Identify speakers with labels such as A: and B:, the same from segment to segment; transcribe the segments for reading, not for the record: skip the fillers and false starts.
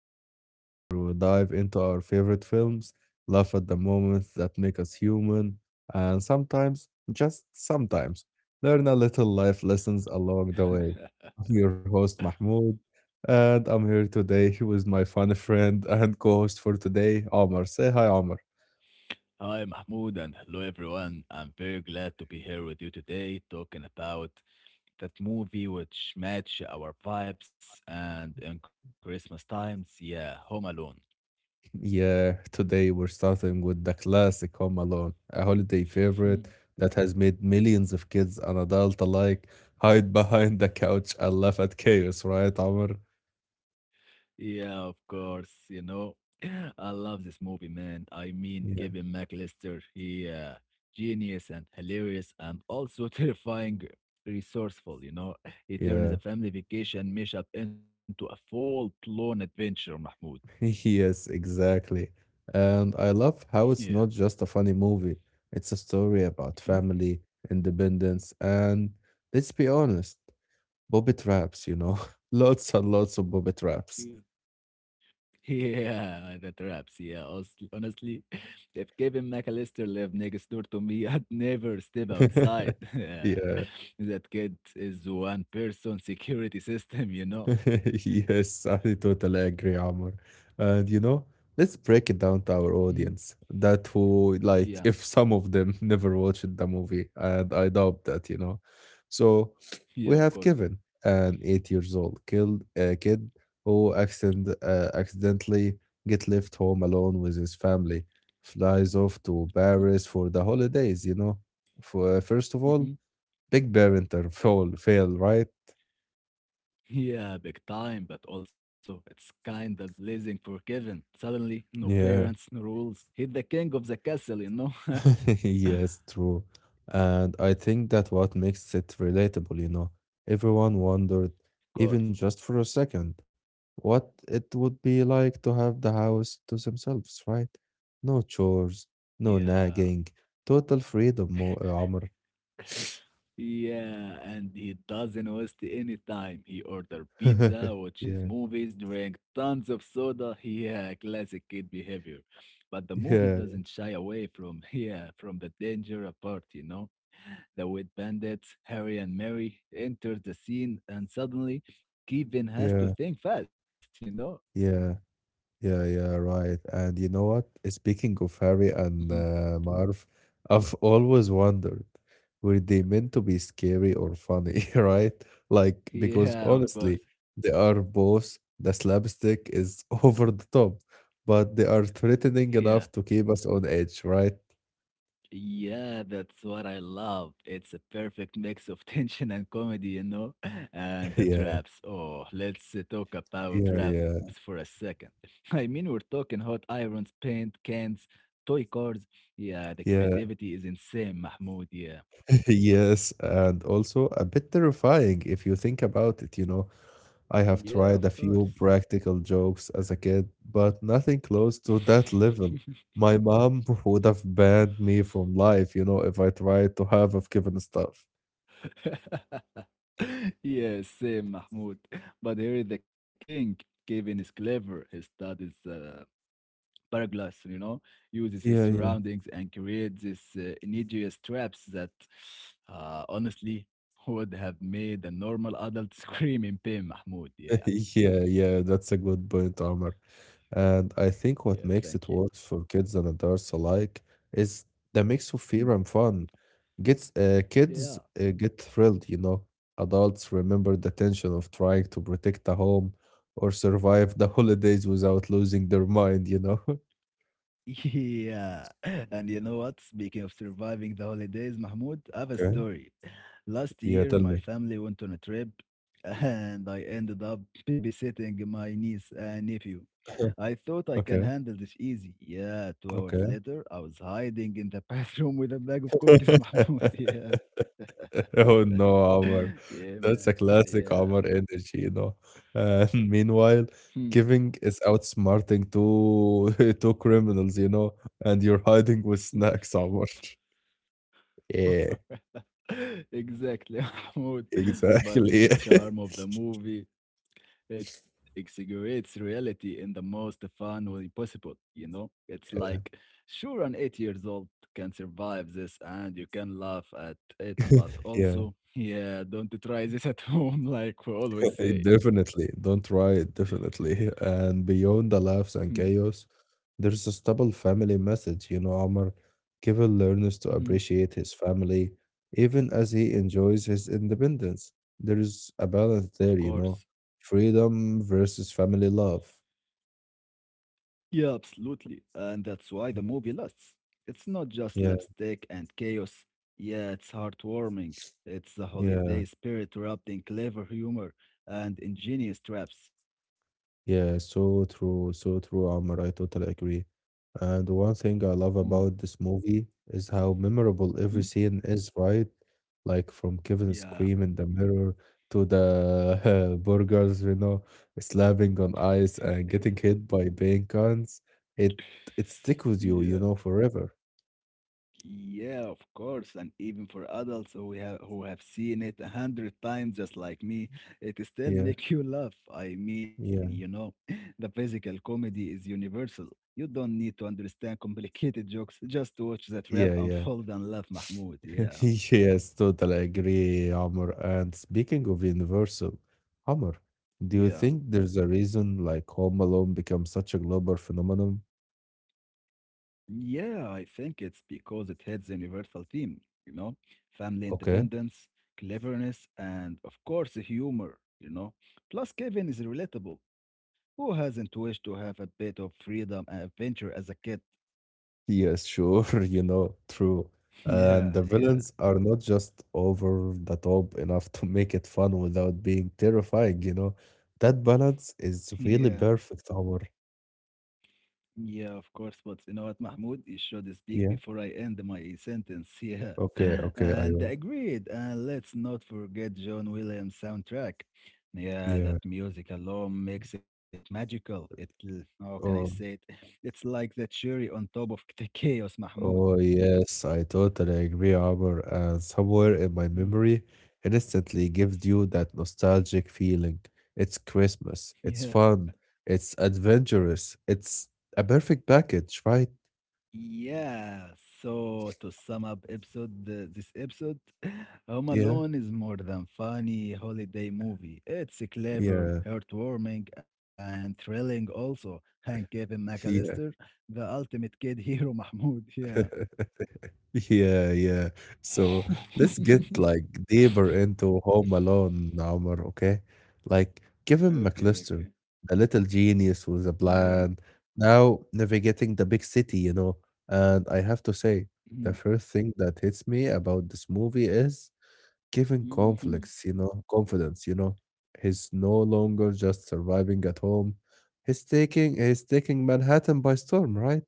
A: The podcast where we dive into our favorite films, laugh at the moments that make us human, and sometimes, just sometimes, learn a little life lessons along the way. I'm your host, Mahmoud, and I'm here today with my funny friend and co host for today, Omar. Say hi, Omar.
B: Hi, Mahmoud, and hello, everyone. I'm very glad to be here with you today talking about that movie which match our vibes and in Christmas times, yeah, Home Alone.
A: Yeah, today we're starting with the classic Home Alone, a holiday
B: Hmm.
A: favorite that has made millions of kids and adults alike hide behind the couch and laugh at chaos, right, Amr?
B: Yeah, of course, I love this movie, man.
A: Yeah.
B: Kevin McAllister, he genius and hilarious and also terrifying resourceful, you know. He turns
A: Yeah.
B: a family vacation mashup into a full-blown adventure, Mahmoud.
A: Yes, exactly. And I love how it's
B: Yeah.
A: not just a funny movie. It's a story about
B: Hmm?
A: family, independence, and let's be honest, booby traps. Lots and lots of booby traps.
B: Yeah, that wraps. Yeah, honestly, if Kevin McAllister lived next door to me, I'd never step outside.
A: Yeah.
B: Yeah, that kid is one person security system, you know?
A: Yes, I totally agree, Amr. And you know, let's break it down to our
B: Mhm.
A: audience. That who
B: Yeah,
A: like if some of them never watched the movie, and I doubt that. So
B: yeah,
A: we
B: of
A: have
B: course.
A: Kevin, an 8 years old killed a kid who accidentally get left home alone with his family, flies off to Paris for the holidays. For first of all,
B: Mm-hmm.
A: big parent fail, right?
B: Yeah, big time, but also it's kind of blazing for Kevin. Suddenly, no
A: Yeah.
B: parents, no rules. He's the king of the castle, you know? of
A: Yes, true. And I think that what makes it relatable. Everyone wondered, even
B: course.
A: just for a second, what it would be like to have the house to themselves, right? No chores, no
B: Yeah.
A: nagging, total freedom, Amr.
B: Yeah, and he doesn't waste any time. He order pizza,
A: Yeah,
B: watches movies, drink tons of soda. Yeah, classic kid behavior. But the movie
A: yeah,
B: doesn't shy away from yeah, from the danger apart, you know. The wet bandits, Harry and Mary, enter the scene and suddenly Kevin has to
A: yeah,
B: think fast, you know?
A: yeah. Yeah, yeah, right. And you know what? Speaking of Harry
B: Mhm.
A: and Marv, I've always wondered, were they meant to be scary or funny, right? Like, because
B: Yeah, of
A: honestly,
B: course.
A: they are both, the slapstick is over the top, but they are threatening
B: Yeah,
A: enough to keep us on edge, right?
B: Yeah, that's what I love. It's a perfect mix of tension and comedy, you know? And the
A: Yeah,
B: traps. Oh, let's talk about
A: yeah,
B: traps
A: yeah,
B: for a second. I mean, we're talking hot irons, paint cans, toy cars. Yeah, the
A: yeah,
B: creativity is insane, Mahmoud. Yeah,
A: yes. And also a bit terrifying if you think about it. I have
B: Yeah,
A: tried a
B: of
A: few
B: course.
A: practical jokes as a kid, but nothing close to that level. My mom would have banned me from life, if I tried to have of given stuff.
B: Yes, same, Mahmoud. But here is the king. Kevin is clever. He studies Paraglide, you know, uses his
A: Yeah, yeah.
B: surroundings and creates these insidious traps that, honestly, would have made a normal adult scream in pain, Mahmoud. Yeah,
A: Yeah, yeah, that's a good point, Omar. And I
B: yeah,
A: think what
B: thank
A: makes
B: you.
A: it work for kids and adults alike is the mix of
B: Mm.
A: fear and fun. Gets kids
B: Yeah.
A: get thrilled. Adults remember the tension of trying to protect the home or survive the holidays without losing their mind.
B: Yeah. And you know what? Speaking of surviving the holidays, Mahmoud, I have a
A: Okay.
B: story. Last
A: Yeah,
B: year,
A: tell
B: my
A: me.
B: family went on a trip and I ended up babysitting my niece and nephew. I thought I can
A: Okay,
B: handle this easy. Yeah, 2 hours
A: okay.
B: later, I was hiding in the bathroom with a bag of cookies, Mahmoud. Yeah.
A: Oh no, Omar.
B: Yeah,
A: That's a
B: man.
A: classic
B: Yeah.
A: Omar energy. And meanwhile,
B: Hmm.
A: giving is outsmarting two two criminals, and you're hiding with snacks, Omar. Yeah,
B: Exactly, Mahmoud. But it's
A: exactly.
B: the charm of the movie. It exaggerates reality in the most fun way possible, you know? It's like,
A: Yeah.
B: sure, an 8 years old can survive this and you can laugh at it, but
A: Yeah.
B: also, yeah, don't try this at home, like we always
A: Eh,
B: say.
A: definitely, don't try it, definitely. And beyond the
B: Hmm
A: laughs and chaos, there's a stable family message, Omar. Kevin learns to appreciate his family even as he enjoys his independence. There is a balance
B: Of
A: there,
B: course.
A: freedom versus family love.
B: Yeah, absolutely. And that's why the movie lasts. It's not just
A: Yeah,
B: lipstick and chaos. Yeah, it's heartwarming. It's the
A: yeah.
B: holiday spirit wrapped in clever humor and ingenious traps.
A: Yeah, so true, Amr. I totally agree. And one thing I love about this movie is how memorable every
B: Mhm.
A: scene is, right? Like from Kevin
B: Yeah,
A: scream in the mirror to the burgers, slapping on ice and getting hit by paint cans. It it stick with
B: yeah,
A: you, you know, forever.
B: yeah, of course. And even for adults who have seen it 100 times, just like me, it still
A: Yeah,
B: make you laugh. I mean, you know,
A: yeah,
B: the physical comedy is universal. You don't need to understand complicated jokes. Just watch that rap
A: yeah, yeah.
B: unfold and laugh, Mahmoud. Yeah.
A: Yes, totally agree, Amr. And speaking of Universal, Amr, do you
B: Yeah,
A: think there's a reason like Home Alone became such a global phenomenon?
B: Yeah, I think it's because it hits the universal theme, you know, family
A: Okay.
B: independence, cleverness, and of course, the humor, you know. Plus, Kevin is relatable. Who hasn't wished to have a bit of freedom and adventure as a kid?
A: Yes, sure, true.
B: Yeah,
A: And the
B: yeah,
A: villains are not just over the top enough to make it fun without being terrifying. That balance is
B: yeah.
A: really perfect, Amr.
B: Yeah, of course, but you know what, Mahmoud? You should speak
A: Yeah.
B: before I end my sentence.
A: Okay,
B: Yeah.
A: okay, I
B: And
A: will.
B: agreed. And let's not forget John Williams' soundtrack. Yeah, that
A: Yeah.
B: music alone makes it magical. How can I
A: Oh.
B: say it? It's like the cherry on top of the chaos, Mahmoud.
A: Oh, yes, I totally agree, Amr. And somewhere in my
B: Mm,
A: memory, it instantly gives you that nostalgic feeling. It's Christmas, it's
B: Yeah.
A: fun, it's adventurous, it's a perfect package, right?
B: Yeah, so to sum up episode this episode, Home
A: Yeah,
B: Alone is more than funny holiday movie. It's clever,
A: yeah,
B: heartwarming, and thrilling also. And Kevin
A: yeah.
B: McAllister, the ultimate kid hero, Mahmoud. Yeah.
A: Yeah, yeah. So let's get like deeper into Home Alone, Omar, okay? Like Kevin
B: okay,
A: McLister,
B: okay.
A: the little genius with a
B: Yeah.
A: plan, now navigating the big city, you know. And I have to say, the first thing that hits me about this movie is Kevin conflicts, you know, confidence, you know. He's no longer just surviving at home. He's taking Manhattan by storm, right?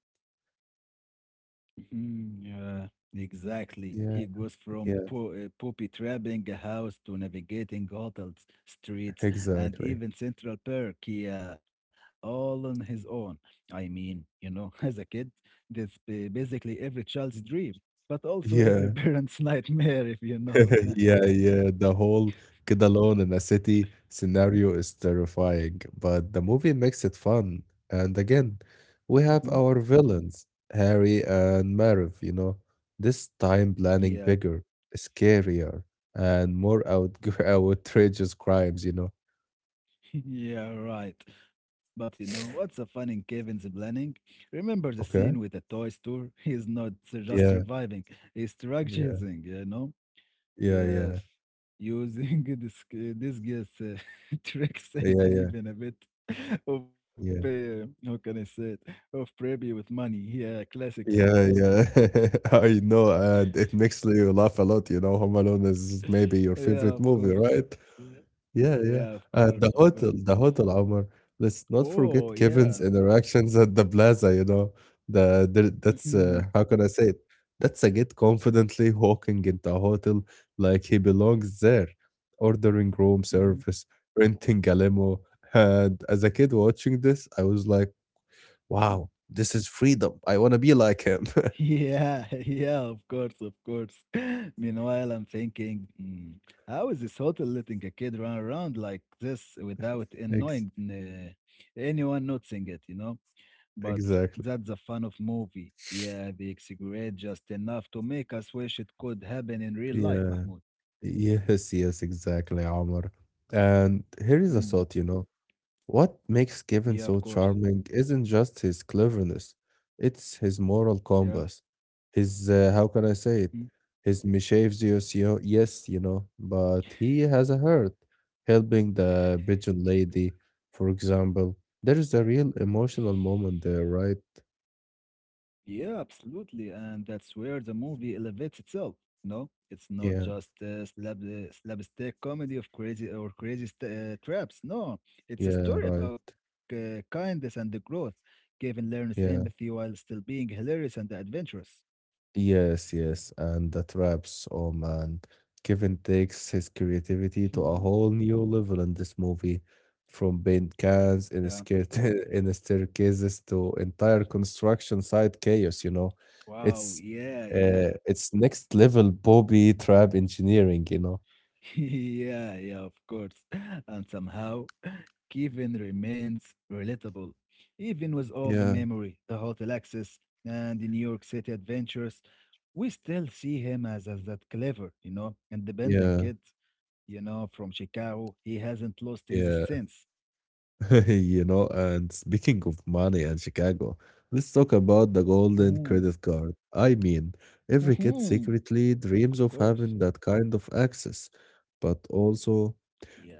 B: Mhm. Yeah, exactly.
A: Yeah,
B: He goes from
A: yeah,
B: poppy trapping a house to navigating hotels, streets, and
A: exactly.
B: even Central Park. Yeah, all on his own. I mean, you know, as a kid, that's basically every child's dream, but also every
A: Yeah,
B: parent's nightmare, if you know.
A: yeah, yeah, the whole kid alone in a city scenario is terrifying, but the movie makes it fun. And again, we
B: Mhm.
A: have our villains, Harry and Marv, you know, this time planning
B: Yeah.
A: bigger, scarier, and more out outrageous crimes, you know.
B: Yeah, right. But you know what's a fun in Kevin's planning? Remember the scene with
A: Okay.
B: the toy store? He's not just
A: Yeah,
B: surviving, he's
A: yeah,
B: strategizing, you know?
A: yeah, yeah,
B: Yes, using this guess tricks
A: yeah,
B: and
A: yeah,
B: even a bit of,
A: yeah.
B: how can I say it, of preppy with money. Yeah, classic Kevin.
A: Yeah,
B: Yeah,
A: yeah. I know, and it makes you laugh a lot. You know, Home Alone is maybe your
B: yeah,
A: favorite
B: of
A: movie,
B: course.
A: right?
B: Yeah,
A: Yeah, yeah.
B: yeah, of
A: And the
B: course, of
A: hotel,
B: course.
A: the hotel, Omar. Let's not
B: Oh,
A: forget
B: yeah.
A: Kevin's interactions at the plaza, you know. The that's
B: hmm
A: how can I say it? That's a get confidently walking into a hotel like he belongs there, ordering room
B: hmm
A: service, renting a limo. And as a kid watching this, I was like, wow, this is freedom. I want to be like him.
B: Yeah, yeah, of course. Meanwhile, I'm thinking, "Hmm, how is this hotel letting a kid run around like this without
A: Ex-
B: annoying anyone noticing it, you know? But
A: exactly.
B: that's the fun of movie. Yeah, they exaggerate just enough to make us wish it could happen in real life,
A: Yeah.
B: Mahmoud.
A: Yes, yes, exactly, Omar. And here is a
B: Hmm,
A: thought, you know. What makes
B: Yeah, of
A: Kevin so
B: course.
A: charming isn't just his cleverness, it's his moral
B: Yeah.
A: compass. His, how can I say it?
B: hmm.
A: His mischievous, yes, you know, but he has a heart. Helping the pigeon lady, for example. There is a real emotional moment there, right?
B: Yeah, absolutely. And that's where the movie elevates itself. No, it's not
A: Yeah,
B: just a slapstick comedy of crazy or crazy traps. No, it's a
A: yeah,
B: story
A: right.
B: about kindness and the growth. Gavin learns
A: Yeah.
B: empathy while still being hilarious and adventurous.
A: Yes, yes, and the traps. Oh man, Kevin takes his creativity to a
B: Hmm.
A: whole new level in this movie, from paint cans
B: Yeah.
A: in a skirt in a staircases to entire construction site chaos. You know,
B: Wow.
A: it's
B: Yeah. Yeah.
A: it's next level Bobby trap engineering. You know,
B: yeah. Yeah. Of course. And somehow Kevin remains relatable. Even with all the
A: yeah,
B: memory, the hotel access, and the New York City adventures, we still see him as that clever, you know, independent
A: yeah,
B: kid, you know, from Chicago. He hasn't lost his
A: yeah.
B: sense.
A: you know, and speaking of money and Chicago, let's talk about the
B: Mm-hmm.
A: golden credit card. I mean, every kid
B: Mm-hmm.
A: secretly dreams
B: Of
A: of
B: course.
A: having that kind of access, but also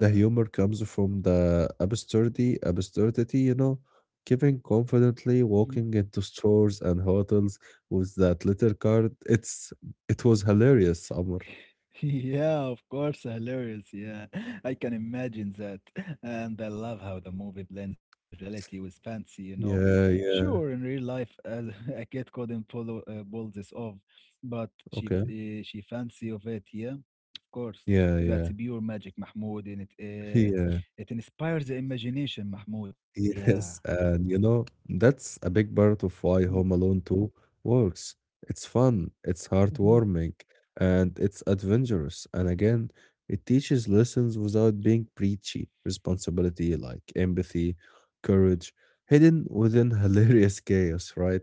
A: the humor comes from the absurdity, you know, giving confidently walking into stores and hotels with that little card. It was hilarious, Amr.
B: Yeah, of course, hilarious. Yeah, I can imagine that. And I love how the movie blends reality with fancy, you know.
A: Yeah,
B: Sure, in
A: yeah.
B: real life, as a kid couldn't pull this off, but
A: Okay.
B: she fancy of it, yeah. Of course,
A: Yeah,
B: that's
A: yeah.
B: pure magic, Mahmoud, and
A: Yeah.
B: it inspires the imagination, Mahmoud. Yeah,
A: Yes,
B: yeah.
A: and you know, that's a big part of why Home Alone 2 works. It's fun, it's
B: Mm.
A: heartwarming, and it's adventurous. And again, it teaches lessons without being preachy. Responsibility like empathy, courage, hidden within hilarious chaos, right?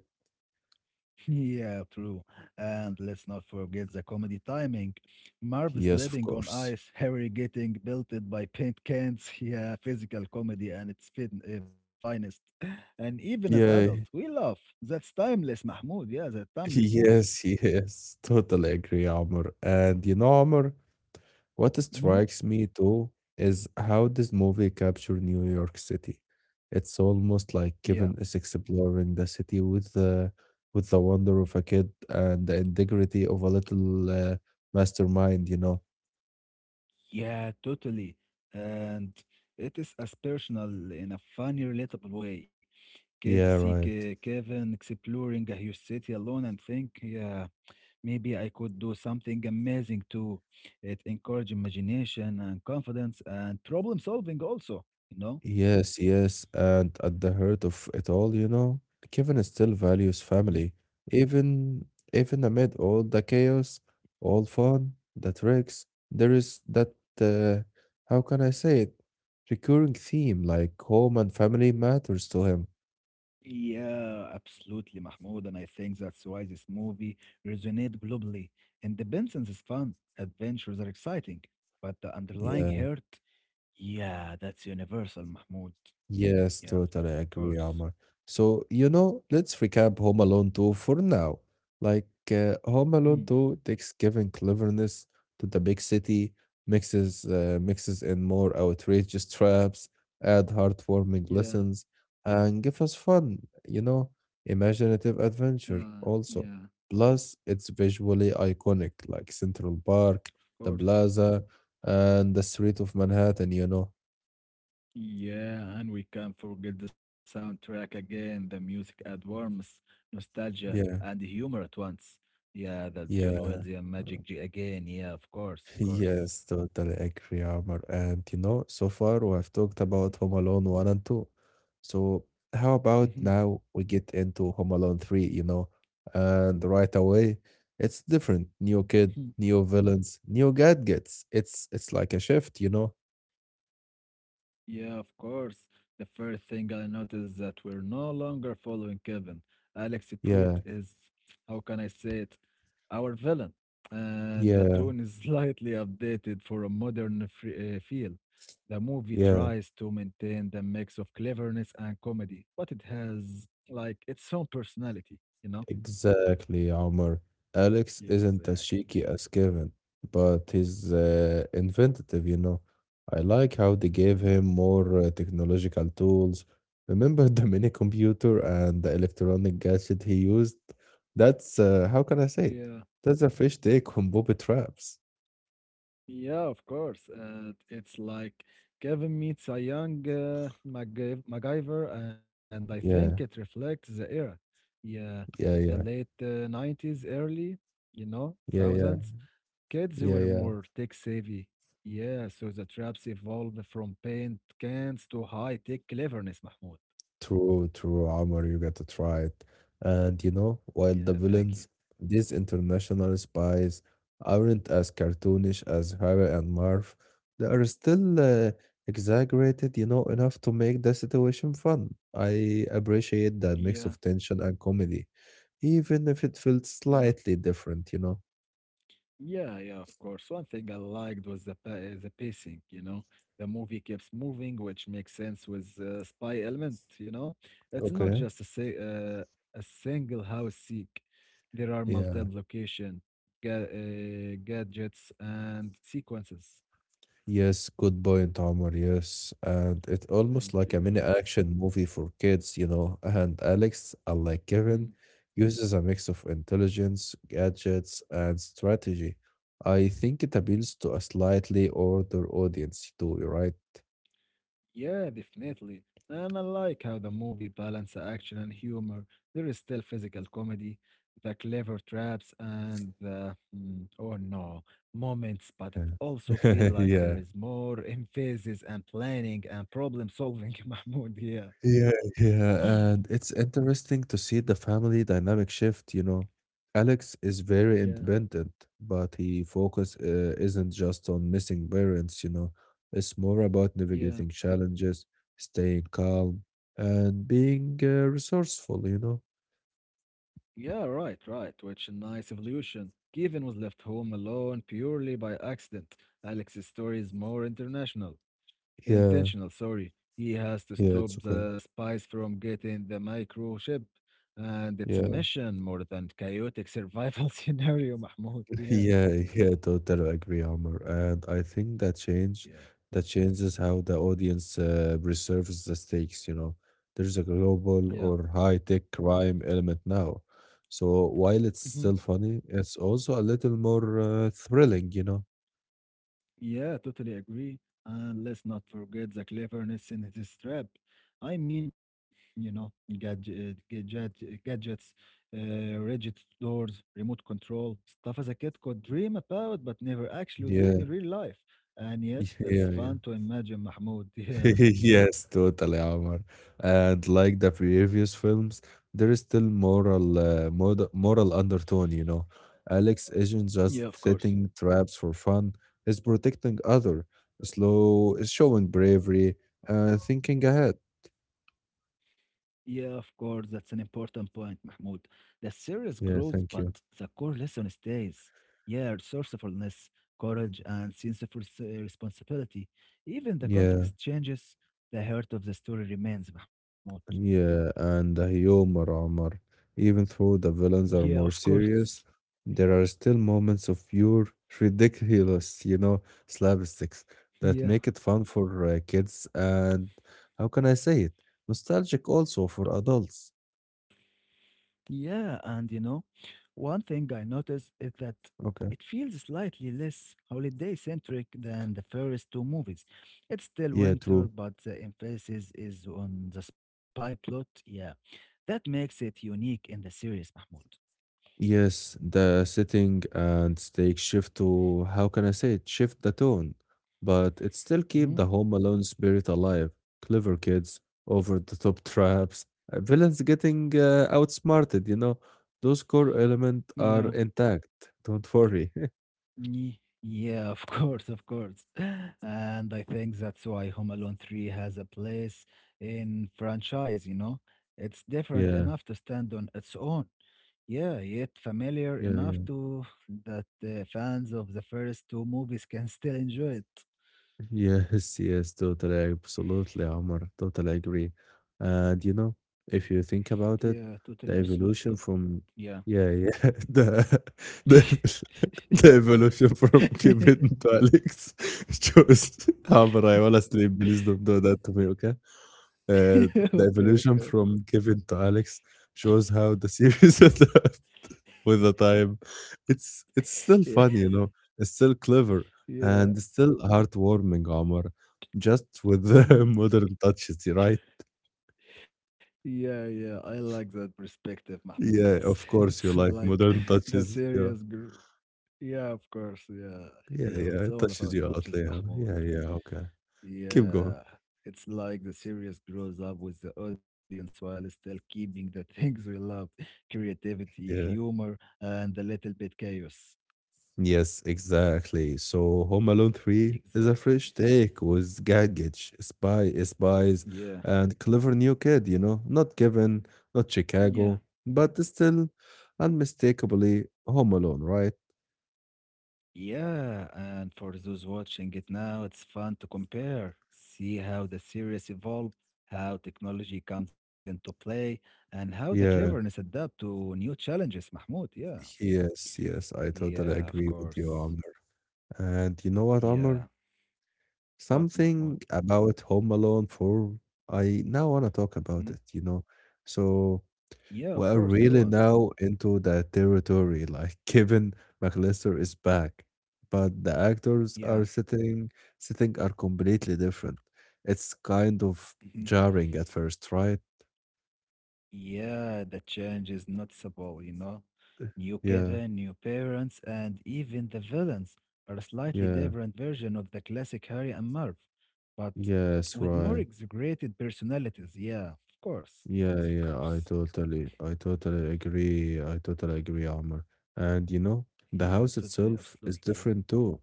B: Yeah, true. And let's not forget the comedy timing. Marv
A: Yes, of
B: slipping on
A: course.
B: ice, Harry getting belted by paint cans. Yeah, physical comedy and its finest. And even as adult,
A: Yeah,
B: we love. That's timeless, Mahmoud. Yeah, that timeless movie.
A: yes, yes. Totally agree, Amr. And you know, Amr, what
B: Mhm.
A: strikes me too is how this movie captured New York City. It's almost like
B: Yeah,
A: Kevin is exploring the city with the wonder of a kid and the integrity of a little mastermind, you know.
B: yeah, totally. And it is aspirational in a funny, relatable way. Kids
A: Yeah,
B: see
A: right.
B: Kevin exploring a huge city alone and think, yeah. Maybe I could do something amazing too. It encourage imagination and confidence and problem solving also, you know?
A: Yes, yes, and at the heart of it all, you know, Kevin still values
B: Mhm.
A: family, even even amid all the chaos, all fun, the tricks. There is that uh, how can I say it? Recurring theme like home and family matters to him.
B: Yeah, absolutely, Mahmoud. And I think that's why this movie resonates globally. Independence is fun, adventures are exciting, but the underlying
A: Yeah.
B: hurt, yeah, that's universal, Mahmoud.
A: Yes,
B: Yeah, of
A: totally
B: course.
A: agree, Omar. So, you know, let's recap Home Alone 2 for now. Like, Home
B: Hmm.
A: Alone 2 takes giving cleverness to the big city, mixes in more outrageous traps, add heartwarming
B: Yeah,
A: lessons, and give us fun, you know, imaginative adventure
B: yeah,
A: also. Plus, it's visually iconic, like Central Park,
B: of
A: the
B: course.
A: plaza, and the street of Manhattan, you know.
B: Yeah, and we can't forget the soundtrack again. The music adds warmth, nostalgia,
A: Yeah,
B: and humor at once. Yeah, that John
A: yeah.
B: Wells, yeah, magic G again. Yeah, of course, of course.
A: Yes, totally agree, Amr. And you know, so far we have talked about Home Alone 1 and 2. So how about now we get into Home Alone 3, you know? And right away, it's different. New kid, new villains, new gadgets. It's like a shift, you know?
B: Yeah, of course. The first thing I noticed is that we're no longer following Kevin. Alex Pruitt
A: Yeah,
B: is, how can I say it, our villain. And the
A: yeah,
B: tone is slightly updated for a modern feel. The movie
A: yeah.
B: tries to maintain the mix of cleverness and comedy, but it has, like, its own personality, you know?
A: Exactly, Omar. Alex isn't as cheeky
B: Exactly.
A: as Kevin, but he's inventive, you know. I like how they gave him more technological tools. Remember the mini computer and the electronic gadget he used? That's how can I say
B: Yeah,
A: it? That's a fish take on Bobby traps.
B: Yeah, of course. It's like Kevin meets a young MacGyver, and I think it
A: Yeah,
B: reflects the era. Yeah, the
A: yeah, yeah,
B: late 90s, early, you know,
A: yeah, yeah,
B: thousands. Kids
A: yeah,
B: were
A: yeah.
B: more tech savvy. Yeah, so the traps evolved from paint cans to high tech cleverness, Mahmoud.
A: True, true, Omar, you got to try it. And you know,
B: Yeah,
A: while the
B: thank you.
A: villains, these international spies, aren't as cartoonish as Harry and Marv, they are still exaggerated, you know, enough to make the situation fun. I appreciate that
B: Yeah,
A: mix of tension and comedy, even if it felt
B: yeah.
A: slightly different, you know.
B: Yeah, yeah, of course. One thing I liked was the the pacing, you know. The movie keeps moving, which makes sense with spy element, you know. It's not
A: Okay,
B: just a say a single house seek. There are
A: yeah.
B: multiple location, ga gadgets and sequences.
A: Yes, good point, Omar. Yes, and it's almost
B: Thank
A: like a
B: you.
A: mini action movie for kids, you know. And Alex, unlike
B: Hmm.
A: Kevin, uses a mix of intelligence, gadgets, and strategy. I think it appeals to a slightly older audience too, right?
B: Yeah, definitely. And I like how the movie balance action and humor. There is still physical comedy, the clever traps, and the mm, oh no moments, but it also feel
A: Yeah.
B: like there
A: Yeah.
B: is more emphasis and planning and problem solving, Mahmoud. Yeah.
A: Yeah, yeah, and it's interesting to see the family dynamic shift, you know. Alex is very
B: yeah,
A: independent, but he focus isn't just on missing parents, you know. It's more about
B: yeah,
A: navigating challenges, staying calm, and being resourceful, you know.
B: yeah. Right, right. Which a nice evolution. Given was left home alone purely by accident. Alex's story is more international.
A: Yeah,
B: Intentional, sorry. He has to
A: yeah, it's
B: stop
A: okay.
B: the spies from getting the microchip. And it's a
A: Yeah.
B: mission more than chaotic survival scenario, Mahmoud. Yeah.
A: Yeah, yeah, totally agree, Omar. And I think that change
B: yeah,
A: that changes how the audience preserves the stakes, you know. There's a global
B: yeah.
A: or high-tech crime element now. So while it's still funny, it's also a little more thrilling, you know.
B: Yeah, totally agree. And let's not forget the cleverness in his trap. I mean, you know, gadgets, uh, rigid doors, remote control, stuff as a kid could dream about but never actually do in
A: Yeah,
B: real life. And yet, it's
A: yeah, yeah.
B: fun to imagine Mahmoud. Yeah,
A: Yes, totally, Omar. And like the previous films, there is still moral, moral undertone. You know, Alex isn't
B: yeah, of
A: just
B: course.
A: setting traps for fun; he's protecting other, slow, showing bravery, thinking ahead.
B: Yeah, of course, that's an important point, Mahmoud. The series
A: Yeah,
B: grows,
A: thank
B: but
A: you.
B: the core lesson stays. Yeah, resourcefulness, courage, and sense of responsibility. Even the
A: Yeah.
B: context changes, the heart of the story remains, Mahmoud.
A: Yeah, and the humor, Omar. Even though the villains
B: Yeah,
A: are
B: of
A: more
B: course.
A: serious, there are still moments of pure ridiculous, you know, slapsticks that
B: Yeah.
A: make it fun for kids and how can I say it? Nostalgic also for adults.
B: Yeah, and you know, one thing I noticed is that
A: Okay.
B: it feels slightly less holiday centric than the first two movies. It's still
A: Yeah,
B: winter,
A: true.
B: but the emphasis is on the spy plot. Yeah, that makes it unique in the series, Mahmoud.
A: Yes, the sitting and steak shift to, how can I say it, shift the tone, but it still keep
B: Hmm.
A: the Home Alone spirit alive. Clever kids, over the top traps, villains getting outsmarted, you know. Those core elements
B: Yeah.
A: are intact. Don't worry.
B: Yeah, of course, of course. And I think that's why Home Alone 3 has a place in franchise, you know? It's different
A: Yeah,
B: enough to stand on its own. Yeah, yet familiar enough
A: yeah,
B: to that fans of the first two movies can still enjoy it.
A: yes, yes, totally, absolutely, Omar. Totally agree. And you know, if you think about
B: Yeah,
A: it,
B: totally,
A: the
B: absolutely.
A: evolution from
B: Yeah.
A: yeah, yeah, the the, ev- the evolution from Kevin to Alex shows Omar, I wanna sleep. Please don't do that to me, okay? Uh, the
B: Okay,
A: evolution
B: okay.
A: from Kevin to Alex shows how the series adapt with the time. It's still
B: Yeah,
A: funny, you know. It's still clever
B: yeah.
A: and it's still heartwarming, Omar. Just with the
B: Mhm.
A: modern touches, right?
B: Yeah, yeah, I like that perspective, Mahmoud. It's
A: Yeah, of
B: it's
A: course you like
B: like
A: modern
B: the
A: touches. Yeah,
B: Yeah, of course. Yeah,
A: yeah,
B: yeah.
A: yeah.
B: It's
A: It
B: all
A: touches
B: about
A: you a lot,
B: touches,
A: Leah.
B: Mahmoud.
A: Yeah, yeah. Okay, keep going.
B: Yeah, it's like the series grows up with the audience while still keeping the things we love: creativity,
A: Yeah.
B: humor, and a little bit chaos.
A: Yes, exactly. So Home Alone 3 is a fresh
B: Exactly.
A: take with gadgets, spies,
B: Yeah,
A: and clever new kid, you know, not given, not
B: yeah.
A: Chicago, but still unmistakably Home Alone, right?
B: Yeah, and for those watching it now, it's fun to compare, see how the series evolve, how technology comes into play, and how the cleverness
A: Yeah,
B: adapt to new challenges, Mahmoud. Yeah,
A: yes, yes, I totally
B: yeah, of
A: agree with you,
B: course.
A: Amr. And you know what,
B: Yeah,
A: Amr?
B: what, Mahmoud?
A: Something about Home Alone 4, I now want to talk about
B: Hmm?
A: it, you know. So
B: Yeah, of course.
A: we're
B: Go on.
A: really now into the territory, like Kevin McAllister is back, but the actors
B: Yeah.
A: are sitting are completely different. It's kind of jarring at first, right?
B: Yeah, the change is noticeable, you know. New
A: Yeah,
B: Kevin, new parents, and even the villains are a slightly
A: yeah,
B: different version of the classic Harry and Marv, but
A: yes,
B: with more
A: right.
B: exaggerated personalities. Yeah, of course, of
A: Yeah,
B: course.
A: yeah, I totally agree. I totally agree, Amr. And you know, the
B: Yeah,
A: house
B: totally,
A: itself is
B: absolutely. Yeah.
A: different too.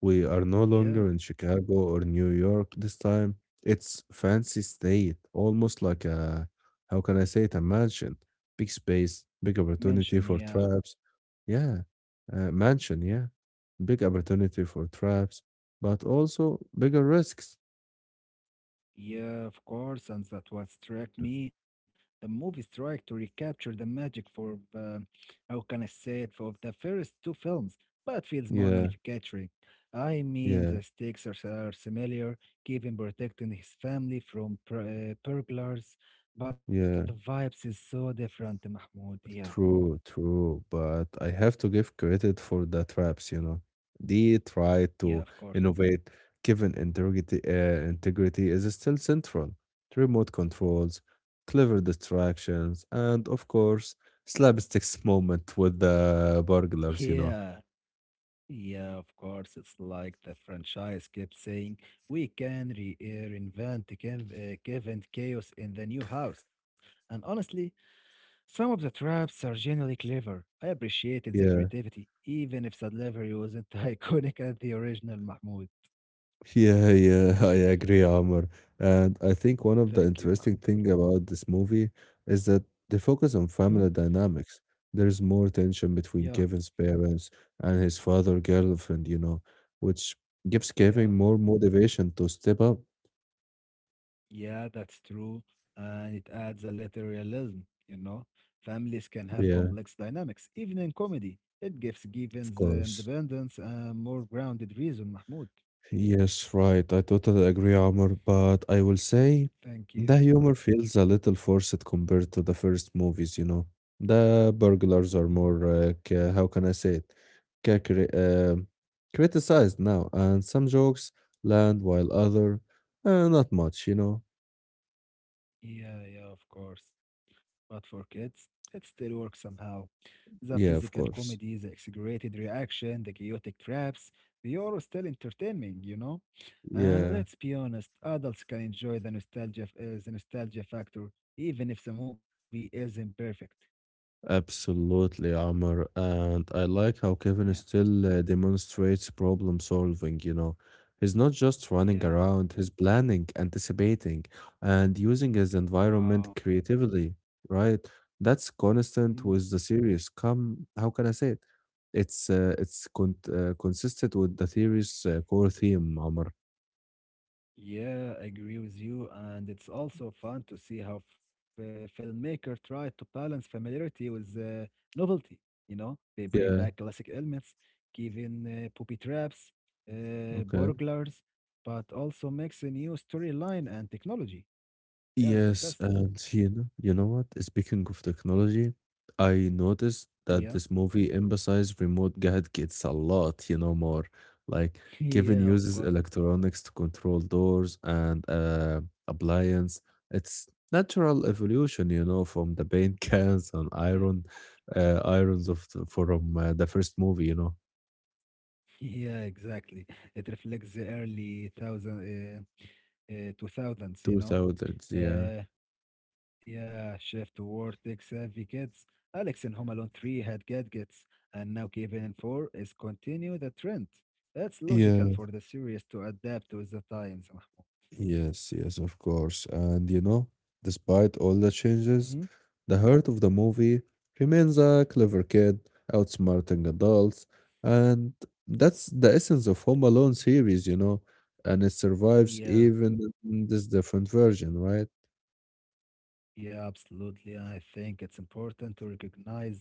A: We are no
B: Yeah,
A: longer in Chicago or New York this time. It's fancy state, almost like how can I say it, a mansion. Big space, big
B: mention.
A: opportunity for
B: Yeah.
A: traps. Yeah, mansion, yeah. Big opportunity for traps, but also bigger risks.
B: Yeah, of course, and that what struck me. The movie tried to recapture the magic for, how can I say it, for the first two films, but feels more
A: Yeah,
B: manufacturing. I mean,
A: yeah,
B: the stakes are similar, Kevin protecting his family from burglars, but the
A: yeah.
B: vibes is so different, Mahmoud. Yeah,
A: True, true, but I have to give credit for the traps, you know. They try
B: yeah,
A: to
B: of course.
A: innovate. Given integrity, integrity is still central. Remote controls, clever distractions, and of course, slapsticks moment with the burglars, you know.
B: Yeah. Yeah, of course. It's like the franchise kept saying, we can re reinvent the Kevin Chaos in the new house. And honestly, some of the traps are genuinely clever. I appreciated the
A: Yeah.
B: creativity, even if the delivery wasn't iconic as the original Mahmoud.
A: Yeah, yeah, I agree, Amr. And I think one of the
B: Thank you,
A: interesting
B: Mahmoud.
A: thing about this movie is that they focus on
B: Hmm?
A: family dynamics. There is more tension
B: Yeah,
A: between Kevin's parents and his father girlfriend, you know, which gives
B: yeah.
A: Kevin more motivation to step up.
B: Yeah, that's true. And it adds a little realism, you know. Families can have
A: Yeah,
B: complex dynamics, even in comedy. It gives
A: of
B: Givens
A: course.
B: independence a more grounded reason, Mahmoud.
A: Yes, right. I totally agree, Amr, but I will say
B: Thank you.
A: the humor feels a little forced compared to the first movies, you know. The burglars are
B: Mhm.
A: more, how can I say it, ca- cri- uh, criticized now, and some jokes land while other, not much, you know.
B: Yeah, yeah, of course. But for kids, it still works somehow. The
A: Yeah,
B: physical
A: of
B: comedy,
A: course.
B: the exaggerated reaction, the chaotic traps, they are still entertaining, you know? And
A: Yeah.
B: let's be honest, adults can enjoy the nostalgia, the nostalgia factor, even if the movie isn't perfect.
A: Absolutely, Amr. And I like how
B: Yeah,
A: Kevin still demonstrates problem solving, you know. He's not just running
B: yeah.
A: around, he's planning, anticipating, and using his environment
B: Wow.
A: creatively, right? That's constant with the series. Come, how can I say it? It's consistent with the series' core theme, Amr.
B: Yeah, I agree with you. And it's also fun to see how filmmaker tried to balance familiarity with novelty. You know, they bring back
A: Yeah,
B: classic elements, giving booby traps,
A: okay.
B: burglars, but also makes a new storyline and technology. Yeah, it's
A: Yes,
B: fantastic.
A: and you know what? Speaking of technology, I noticed
B: Yeah.
A: that this movie emphasized remote gadgets a lot, you know, more. Like Kevin
B: Yeah, of
A: uses
B: course.
A: electronics to control doors and appliance. It's natural evolution, you know, from the paint cans and
B: Yeah.
A: irons of the first movie, you know,
B: Yeah, exactly. It reflects the early thousand, 2000s, you know.
A: 2000s. Yeah.
B: Uh, Yeah, Shift Vortex Advocates, Alex in Home Alone 3 had gadgets, and now Kevin in 4 is continue the trend. That's logical
A: Yeah.
B: for the series to adapt with the times. Mahmoud.
A: Yes, yes, of course. And you know, despite all the
B: Hmm.
A: changes, the heart of the movie remains a clever kid outsmarting adults, and that's the essence of Home Alone series, you know, and it survives
B: Yeah,
A: even in this different version, right?
B: yeah, absolutely. I think it's important to recognize that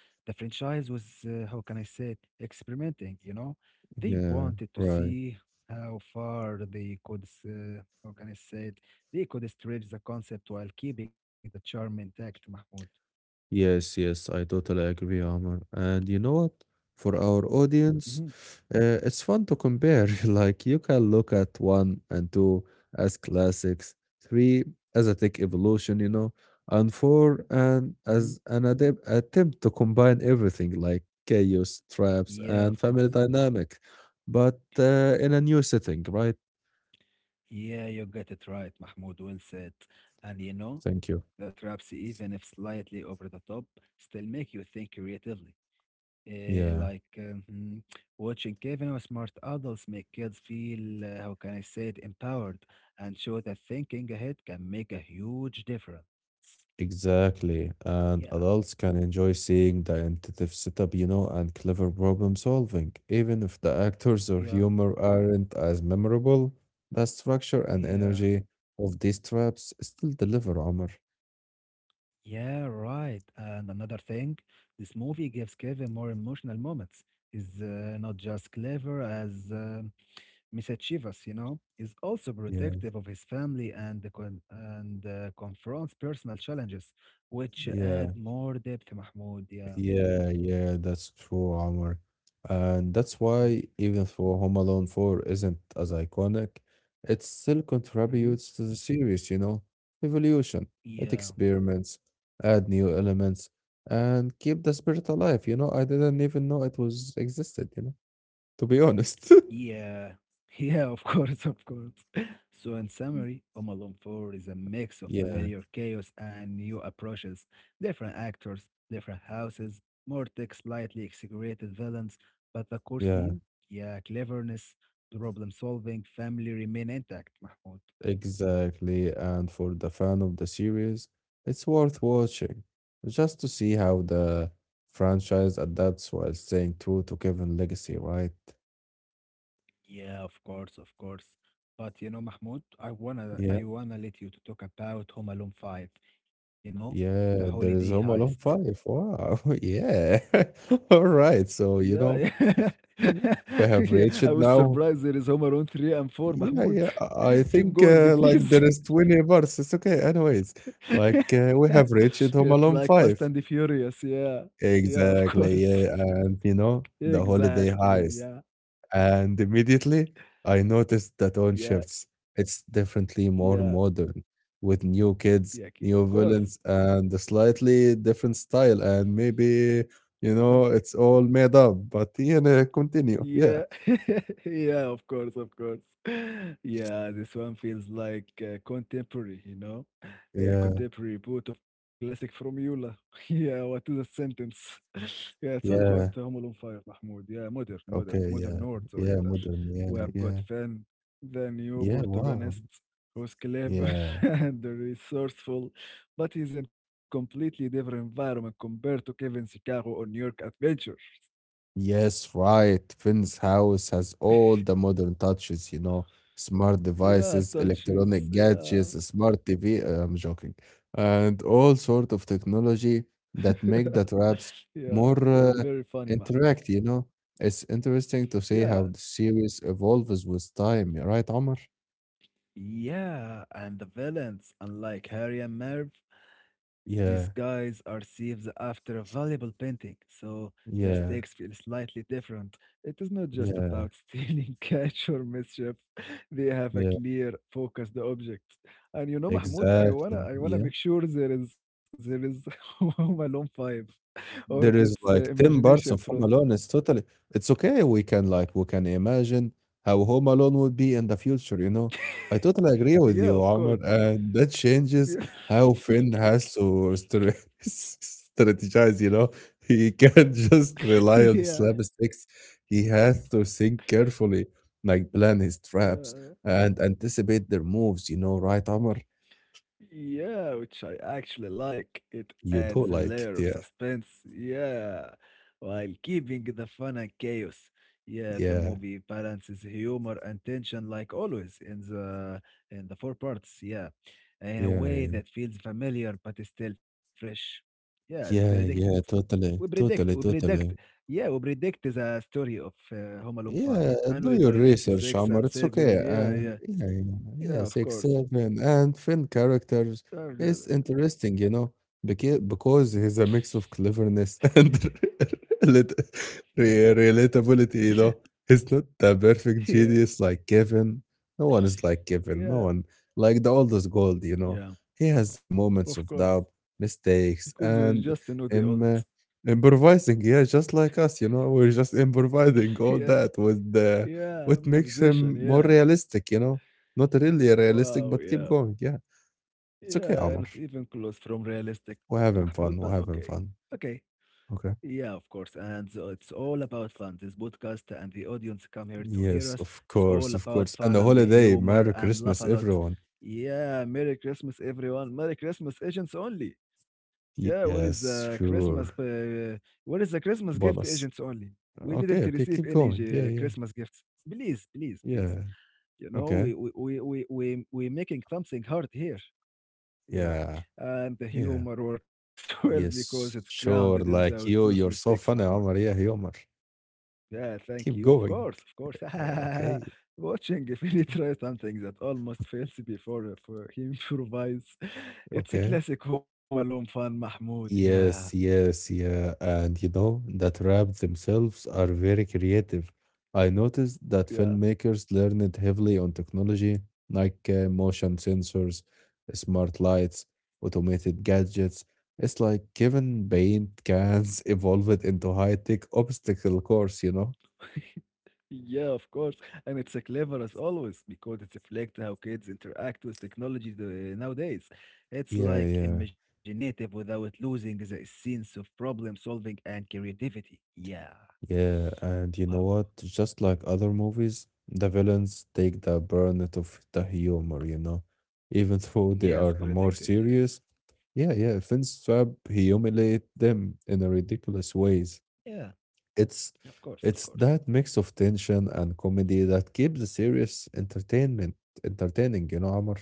B: the franchise was, how can I say it, experimenting, you know? They
A: Yeah,
B: wanted to
A: right.
B: see how far they could, how can I say it, they could stretch the concept while keeping the charm intact, Mahmoud.
A: Yes, yes, I totally agree, Amr. And you know what? For
B: Mhm,
A: our audience,
B: mhm,
A: it's fun to compare. Like you can look at one and two as classics, three as a tech evolution, you know, and four and
B: mhm.
A: as an attempt to combine everything like chaos, traps,
B: Yeah, of
A: and family
B: course.
A: dynamic, but in a new setting, right?
B: Yeah, you get it right, Mahmoud. Well said. And you know,
A: Thank you.
B: that raps, even if slightly over the top, still make you think creatively. Eh,
A: Yeah.
B: like um, hmm, watching Kevin or smart adults make kids feel, how can I say it, empowered and show that thinking ahead can make a huge difference.
A: Exactly.
B: Yeah,
A: And adults can enjoy seeing the intuitive setup, you know, and clever problem solving. Even if the actors or
B: yeah,
A: humor aren't as memorable, the structure and
B: yeah.
A: energy of these traps still deliver, Omar.
B: Yeah, right. And another thing, this movie gives Kevin more emotional moments. He's not just clever as mischievous, you know. He's also
A: Yeah,
B: protective of his family and the con- and confronts personal challenges, which
A: yeah.
B: add more depth, Mahmoud. Yeah,
A: Yeah, yeah, that's true, Omar. And that's why
B: thank
A: even though Home Alone 4 isn't as iconic, it still
B: you. Hmm.
A: contributes to the series, you know, evolution. It
B: Yeah.
A: experiments, add new elements, and keep the spirit alive. You know, I didn't even know it was existed, you know, to be honest.
B: Yeah, yeah, of course, of course. So, in summary, Home Alone 4 is a mix of
A: Yeah,
B: familiar chaos and new approaches, different actors, different houses, more tech, slightly exaggerated villains, but the core
A: yeah.
B: theme, yeah, cleverness, problem solving, family remain intact, Mahmoud.
A: Exactly, and for the fan of the series, it's worth watching just to see how the franchise adapts while staying true to Kevin legacy, right?
B: Yeah, of course, of course. But you know, Mahmoud, I wanna
A: Yeah,
B: I wanna let you to talk about Home Alone 5, you know, the
A: yeah,
B: holiday
A: there is Home
B: heist.
A: Alone 5. Wow, yeah. All right, so
B: Yeah,
A: you know,
B: yeah.
A: mhm, we have
B: Yeah, I
A: reached
B: was
A: now.
B: surprised there is Home Alone 3 and 4,
A: Yeah,
B: Mahmoud.
A: yeah, I
B: Keep
A: think
B: going,
A: like
B: please.
A: there is 20 parts. It's okay, anyways. Like we have reached
B: It's
A: Home
B: like
A: Alone
B: Fast and the
A: 5.
B: Furious, yeah. Yeah, of course.
A: Exactly, yeah, and you know, the holiday
B: Exactly.
A: heist.
B: Yeah,
A: And immediately I noticed that on
B: yeah,
A: shifts, it's definitely more
B: yeah,
A: modern with new kids,
B: yeah, of
A: new
B: course.
A: villains, and a slightly different style. And maybe, you know, it's all made up, but you know, continue. Yeah.
B: Yeah. Yeah, of course, of course. Yeah, this one feels like contemporary, you know? A
A: Yeah.
B: contemporary boot of classic from Yula. Yeah, what is a sentence? Yeah, it's all about
A: Yeah.
B: Home Alone 5, Mahmoud. Yeah, modern, modern,
A: Okay. Yeah.
B: modern Nords or
A: Yeah.
B: either.
A: Modern.
B: We
A: Yeah.
B: have got
A: Yeah.
B: Finn, the new
A: Yeah. Wow.
B: protagonist, who's clever
A: Yeah.
B: and resourceful, but he's in completely different environment compared to Kevin's Chicago or New York Adventure.
A: Yes, right. Finn's house has all the modern touches, you know, smart
B: Yeah,
A: devices,
B: touches.
A: electronic gadgets,
B: Yeah.
A: smart TV. I'm joking, and all sort of technology that make the traps
B: Yeah, you're
A: more
B: very funny, Mahmoud.
A: interact. You know, it's interesting to see how
B: Yeah,
A: the series evolves with time. Right, Omar?
B: yeah, and the villains, unlike Harry and Merv, these
A: Yeah,
B: guys are thieves after a valuable painting, so the
A: yeah,
B: stakes feel slightly different. It is not just
A: yeah,
B: about stealing cash or mischief; they have a
A: yeah.
B: clear, focused object. And you know, Mahmoud, I wanna,
A: Exactly.
B: I wanna
A: Yeah.
B: make sure there is Home Alone Five, or
A: There
B: that's
A: is like 10
B: imagination
A: parts of
B: from.
A: Home Alone. It's totally it's okay. We can we can imagine how Home Alone would be in the future, you know? I totally agree with
B: Yeah,
A: you,
B: of
A: Omar,
B: course.
A: and that changes
B: Yeah.
A: how Finn has to strategize, you know? He can't just rely on
B: Yeah,
A: slapsticks. He has to think carefully, like plan his traps
B: yeah,
A: and anticipate their moves, you know, right, Omar?
B: yeah, which I actually like. It
A: You do
B: adds a
A: like it,
B: layer of
A: yeah.
B: suspense, yeah, while keeping the fun and chaos. Yeah, the
A: Yeah,
B: movie balances humor and tension like always in the four parts, yeah, in a
A: yeah,
B: way that feels familiar but is still fresh. Yeah, as predicted.
A: yeah, yeah,
B: We
A: totally,
B: predict, we
A: totally,
B: predict,
A: totally.
B: yeah, we predict the story of Home Alone 5,
A: Yeah,
B: and
A: do
B: we'll
A: your
B: predict
A: research,
B: 6
A: Omar.
B: and
A: It's okay.
B: 7, yeah, yeah.
A: Yeah, yeah, yeah,
B: Yeah, of
A: six,
B: course.
A: seven, and Finn characters
B: I've got
A: is
B: it.
A: interesting, you know, because he's a mix of cleverness and relat- relatability. You know, he's not the perfect
B: Yeah,
A: genius like Kevin. No one is like Kevin. No
B: yeah,
A: one like the oldest gold. You know,
B: yeah,
A: he has moments of
B: of
A: doubt,
B: course.
A: mistakes,
B: Because we just
A: and
B: know the old.
A: him. Improvising, yeah, just like us, you know, we're just improvising all
B: Yeah,
A: that with the
B: yeah,
A: what makes
B: improvisation.
A: him more
B: Yeah.
A: realistic, you know? Not really realistic,
B: Wow,
A: but keep
B: yeah.
A: going, yeah. It's okay,
B: Yeah,
A: Omar.
B: not even close from realistic, Mahmoud, but
A: We're
B: okay.
A: having fun.
B: Okay.
A: Okay.
B: Yeah, of course. And so it's all about fun. This podcast and the audience come here to hear
A: Yes,
B: us.
A: of
B: It's
A: course,
B: all
A: of
B: about
A: course. And
B: fun
A: the
B: and the
A: holiday,
B: humor
A: Merry
B: and laugh
A: Christmas,
B: a lot.
A: everyone.
B: Yeah, Merry Christmas, everyone. Merry Christmas, agents only. Yeah, what is the
A: Yes,
B: Christmas?
A: sure.
B: What is the Christmas gift, agents
A: Bonus.
B: only? We didn't
A: Okay, okay,
B: receive
A: keep
B: any
A: going. Yeah, yeah,
B: Christmas gifts. Please, please, please.
A: yeah.
B: You know,
A: Okay.
B: we making something hard here. Yeah,
A: Yeah,
B: and the
A: yeah.
B: humor works well because it's
A: Yes,
B: grounded in
A: sure.
B: those,
A: Like
B: those
A: you, you're
B: mistakes,
A: so
B: Mahmoud.
A: funny, Omar. Yeah, hey, Omar.
B: Yeah, thank
A: Keep
B: you. Of
A: going.
B: course, of course.
A: Okay,
B: Watching if he try something that almost fails before for he improvises. It's a
A: okay.
B: classic Home Alone fun, Mahmoud. Yeah,
A: Yes, yes, yeah. And you know that rap themselves are very creative. I noticed that
B: yeah.
A: filmmakers learned heavily on technology like motion sensors, smart lights, automated gadgets. It's like Kevin paint cans evolved into high-tech obstacle course, you know?
B: Yeah, of course. And it's a clever as always because it reflects how kids interact with technology nowadays. It's
A: Yeah,
B: like
A: yeah.
B: imaginative without losing the sense of problem solving and creativity. Yeah.
A: Yeah, and you know
B: Wow.
A: what? Just like other movies, the villains take the burden of the humor, you know, even though they
B: Yes,
A: are more
B: predicted. Yeah.
A: serious. Yeah, yeah, Finstrap humiliate them in a ridiculous ways.
B: Yeah.
A: It's
B: Of course. Of
A: it's
B: course.
A: that mix of tension and comedy that keeps the serious entertainment entertaining, you know, Amr.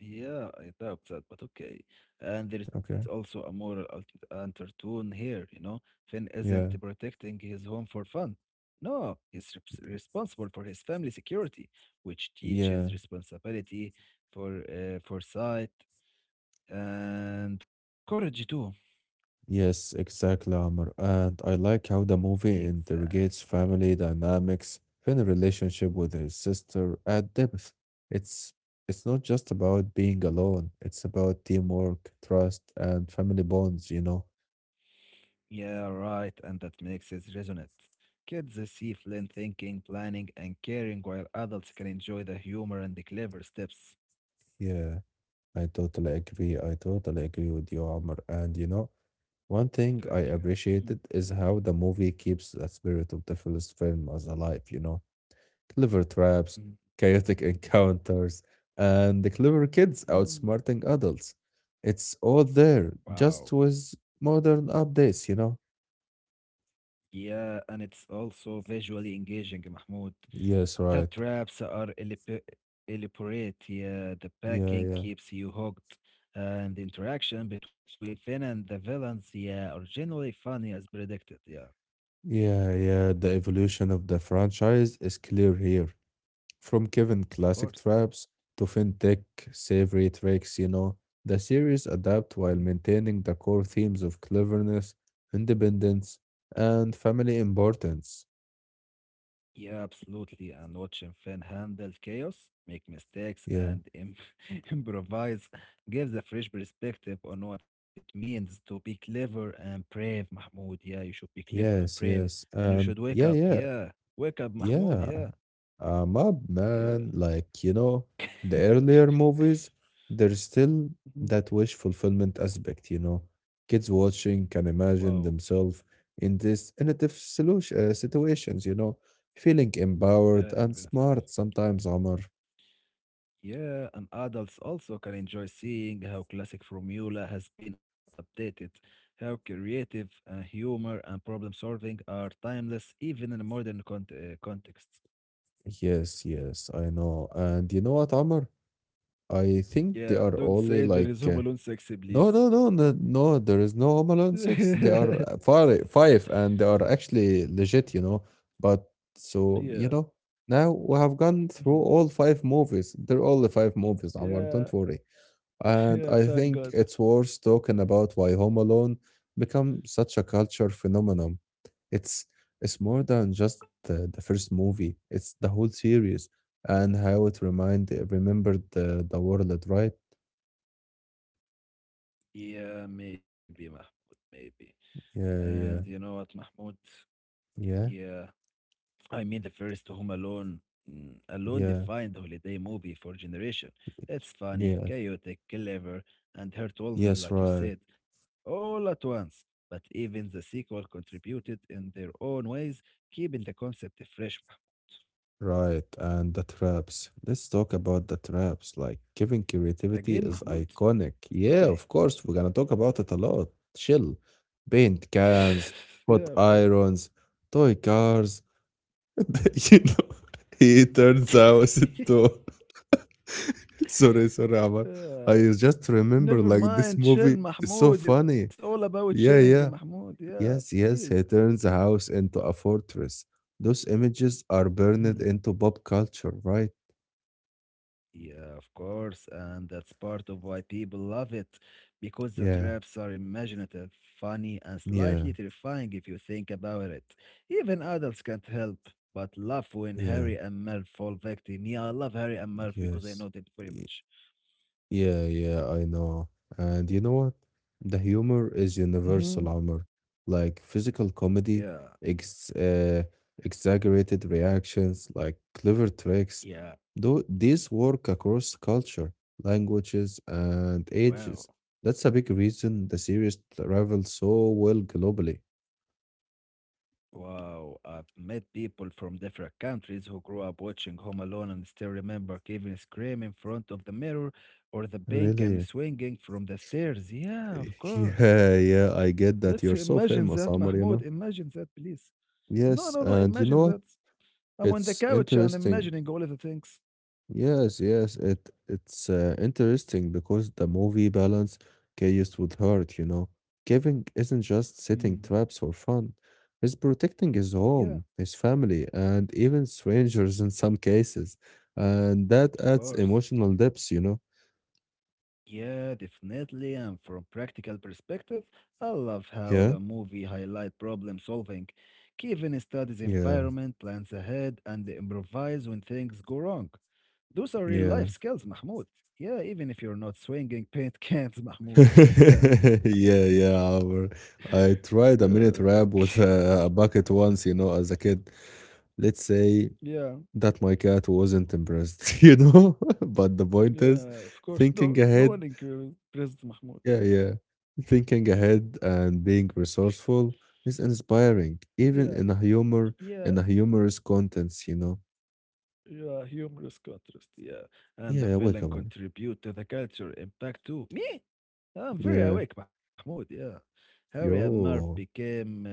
B: Yeah, I doubt that, but okay. And there is
A: Okay.
B: also a moral undertone here, you know. Finn isn't
A: Yeah.
B: protecting his home for fun. No, he's responsible for his family security, which
A: Yeah.
B: teaches responsibility for foresight and courage too.
A: Yes, exactly, Amr. And I like how the movie interrogates
B: Exactly.
A: family dynamics in a relationship with his sister at depth. It's it's not just about being alone, it's about teamwork, trust, and family bonds, you know.
B: Yeah, right. And that makes it resonate. Kids see Flynn thinking, planning, and caring, while adults can enjoy the humor and the clever steps.
A: Yeah, I totally agree. I totally agree with you, Amr. And you know, one thing
B: Thank you.
A: I
B: Mhm.
A: appreciated is how the movie keeps the spirit of the first film as alive, you know clever traps, chaotic encounters, and the clever kids
B: Mhm.
A: outsmarting adults. It's all there,
B: Wow.
A: just with modern updates, you know?
B: Yeah, and it's also visually engaging, Mahmoud.
A: Yes,
B: The
A: right.
B: traps are elaborate. Yeah, the
A: Yeah,
B: packing
A: yeah.
B: keeps you hooked, and the interaction between Finn and the villains, yeah, are generally funny as predicted. Yeah,
A: Yeah, yeah. The evolution of the franchise is clear here. From Kevin
B: of
A: classic
B: course.
A: traps to fintech savory tricks, you know, the series adapt while maintaining the core themes of cleverness, independence, and family importance.
B: Yeah, absolutely. And watching Finn handle chaos, make mistakes,
A: Yeah.
B: and im improvise gives a fresh perspective on what it means to be clever and brave, Mahmoud. Yeah, you should be clever and
A: Yes,
B: brave,
A: yes.
B: and you should
A: And
B: wake
A: yeah,
B: up.
A: yeah,
B: Yeah, wake up, Mahmoud.
A: yeah.
B: Yeah,
A: I'm up,
B: yeah.
A: man. Like, the earlier movies, there's still
B: Mhm.
A: that wish fulfillment aspect. Kids watching can
B: Wow.
A: imagine themselves in these innovative solution situations, feeling
B: Yeah,
A: empowered and
B: inventive.
A: smart sometimes, Omar.
B: Yeah, and adults also can enjoy seeing how classic formula has been updated, how creative humor and problem solving are timeless even in a modern context.
A: Yes, yes, I know. And you know what, Amr, I think they
B: Yeah,
A: are
B: don't
A: only
B: say there is
A: like
B: Home Alone sexy,
A: No,
B: please.
A: no, no, no, no. There is no Home Alone six. They are five, five, and they are actually legit. But so,
B: Yeah.
A: now we have gone through
B: Mhm.
A: all five movies. They're all the five movies, Amar. Don't
B: Yeah.
A: worry. And
B: Yeah,
A: I
B: thank
A: think
B: God.
A: it's worth talking about why Home Alone become such a culture phenomenon. It's it's more than just the first movie. It's the whole series and how it remind remembered the world, right?
B: Yeah, maybe, Mahmoud, maybe.
A: Yeah,
B: And you
A: yeah,
B: know what, Mahmoud?
A: yeah,
B: Yeah. I mean, the first Home Alone, alone
A: yeah.
B: defined holiday movie for generation. It's funny,
A: Yeah.
B: chaotic, clever, and heartwarming,
A: Yes,
B: like you
A: right,
B: said, all at once. But even the sequel contributed in their own ways, keeping the concept fresh. Mahmoud.
A: right. And the traps. Let's talk about the traps. Like Kevin creativity is
B: Again, Mahmoud.
A: iconic. Yeah, of
B: Okay.
A: course, we're gonna talk about it a lot. Chill. Paint cans,
B: Yeah, of
A: hot
B: course.
A: irons, toy cars. You know, he turns house into sorry, sorry, Amar. I
B: Yeah.
A: just remember
B: Never
A: like this
B: mind, chill,
A: movie is so
B: Mahmoud. It's all
A: funny.
B: about chilling,
A: Yeah, yeah.
B: Mahmoud. Yeah,
A: Yes,
B: please.
A: yes, he turns the house into a fortress. Those images are burned into pop culture, right?
B: Yeah, of course, and that's part of why people love it, because the
A: Yeah,
B: traps are imaginative, funny, and
A: yeah,
B: slightly terrifying if you think about it. Even adults can't help but laugh when
A: yeah,
B: Harry and Merv fall victim. Yeah, I love Harry and Merv because I
A: yes.
B: know them very much.
A: Yeah, yeah, I know. And you know what? The humor is
B: Hmm.
A: universal, Omar. Like physical comedy,
B: Yeah,
A: ex exaggerated reactions, like clever tricks.
B: yeah,
A: Though these work across culture, languages, and
B: wow.
A: ages. That's a big reason the series travels so well globally.
B: Wow, I've met people from different countries who grew up watching Home Alone and still remember Kevin screaming in front of the mirror or the bank and
A: Really?
B: swinging from the stairs. Yeah, of course.
A: Yeah, yeah, I
B: Let's
A: get that. You're
B: imagine
A: so
B: that,
A: famous,
B: Mahmoud.
A: Omar, you know?
B: Imagine that, please. No, no,
A: Yes,
B: no.
A: and you
B: Imagine
A: know
B: that.
A: what?
B: I'm on the
A: It's
B: couch and
A: interesting
B: imagining all of the things.
A: Yes, yes, it's interesting because the movie balance chaos with heart. Kevin isn't just
B: Mm.
A: setting traps for fun. He's protecting his
B: Yeah,
A: home, his family, and even strangers in some cases. And that
B: of
A: adds
B: course.
A: emotional depth.
B: Yeah, definitely. And from practical perspective, I love
A: Yeah,
B: how the movie highlight problem solving. Kevin studies
A: yeah,
B: environment, plans ahead, and improvise when things go wrong. Those are real
A: yeah.
B: life skills, Mahmoud. Yeah, even if you're not swinging paint cans, Mahmoud. Yeah.
A: Yeah, yeah, Amr. I tried a
B: Yeah,
A: minute rap with a bucket once, as a kid. Let's say
B: yeah,
A: that my cat wasn't impressed, you know? But the point is,
B: yeah. Of course,
A: thinking
B: no, no
A: ahead,
B: one includes President Mahmoud. Yeah,
A: yeah, yeah, thinking ahead and being resourceful is inspiring,
B: yeah,
A: even
B: yeah,
A: in a humorous contents, you know?
B: yeah. Humorous contrast. Yeah, and the
A: Yeah, wake
B: villain
A: up, mom.
B: contribute to the culture impact too. Me? I'm very
A: Yeah,
B: awake, Mahmoud. Yeah, Harry and Marv
A: yo,
B: became uh,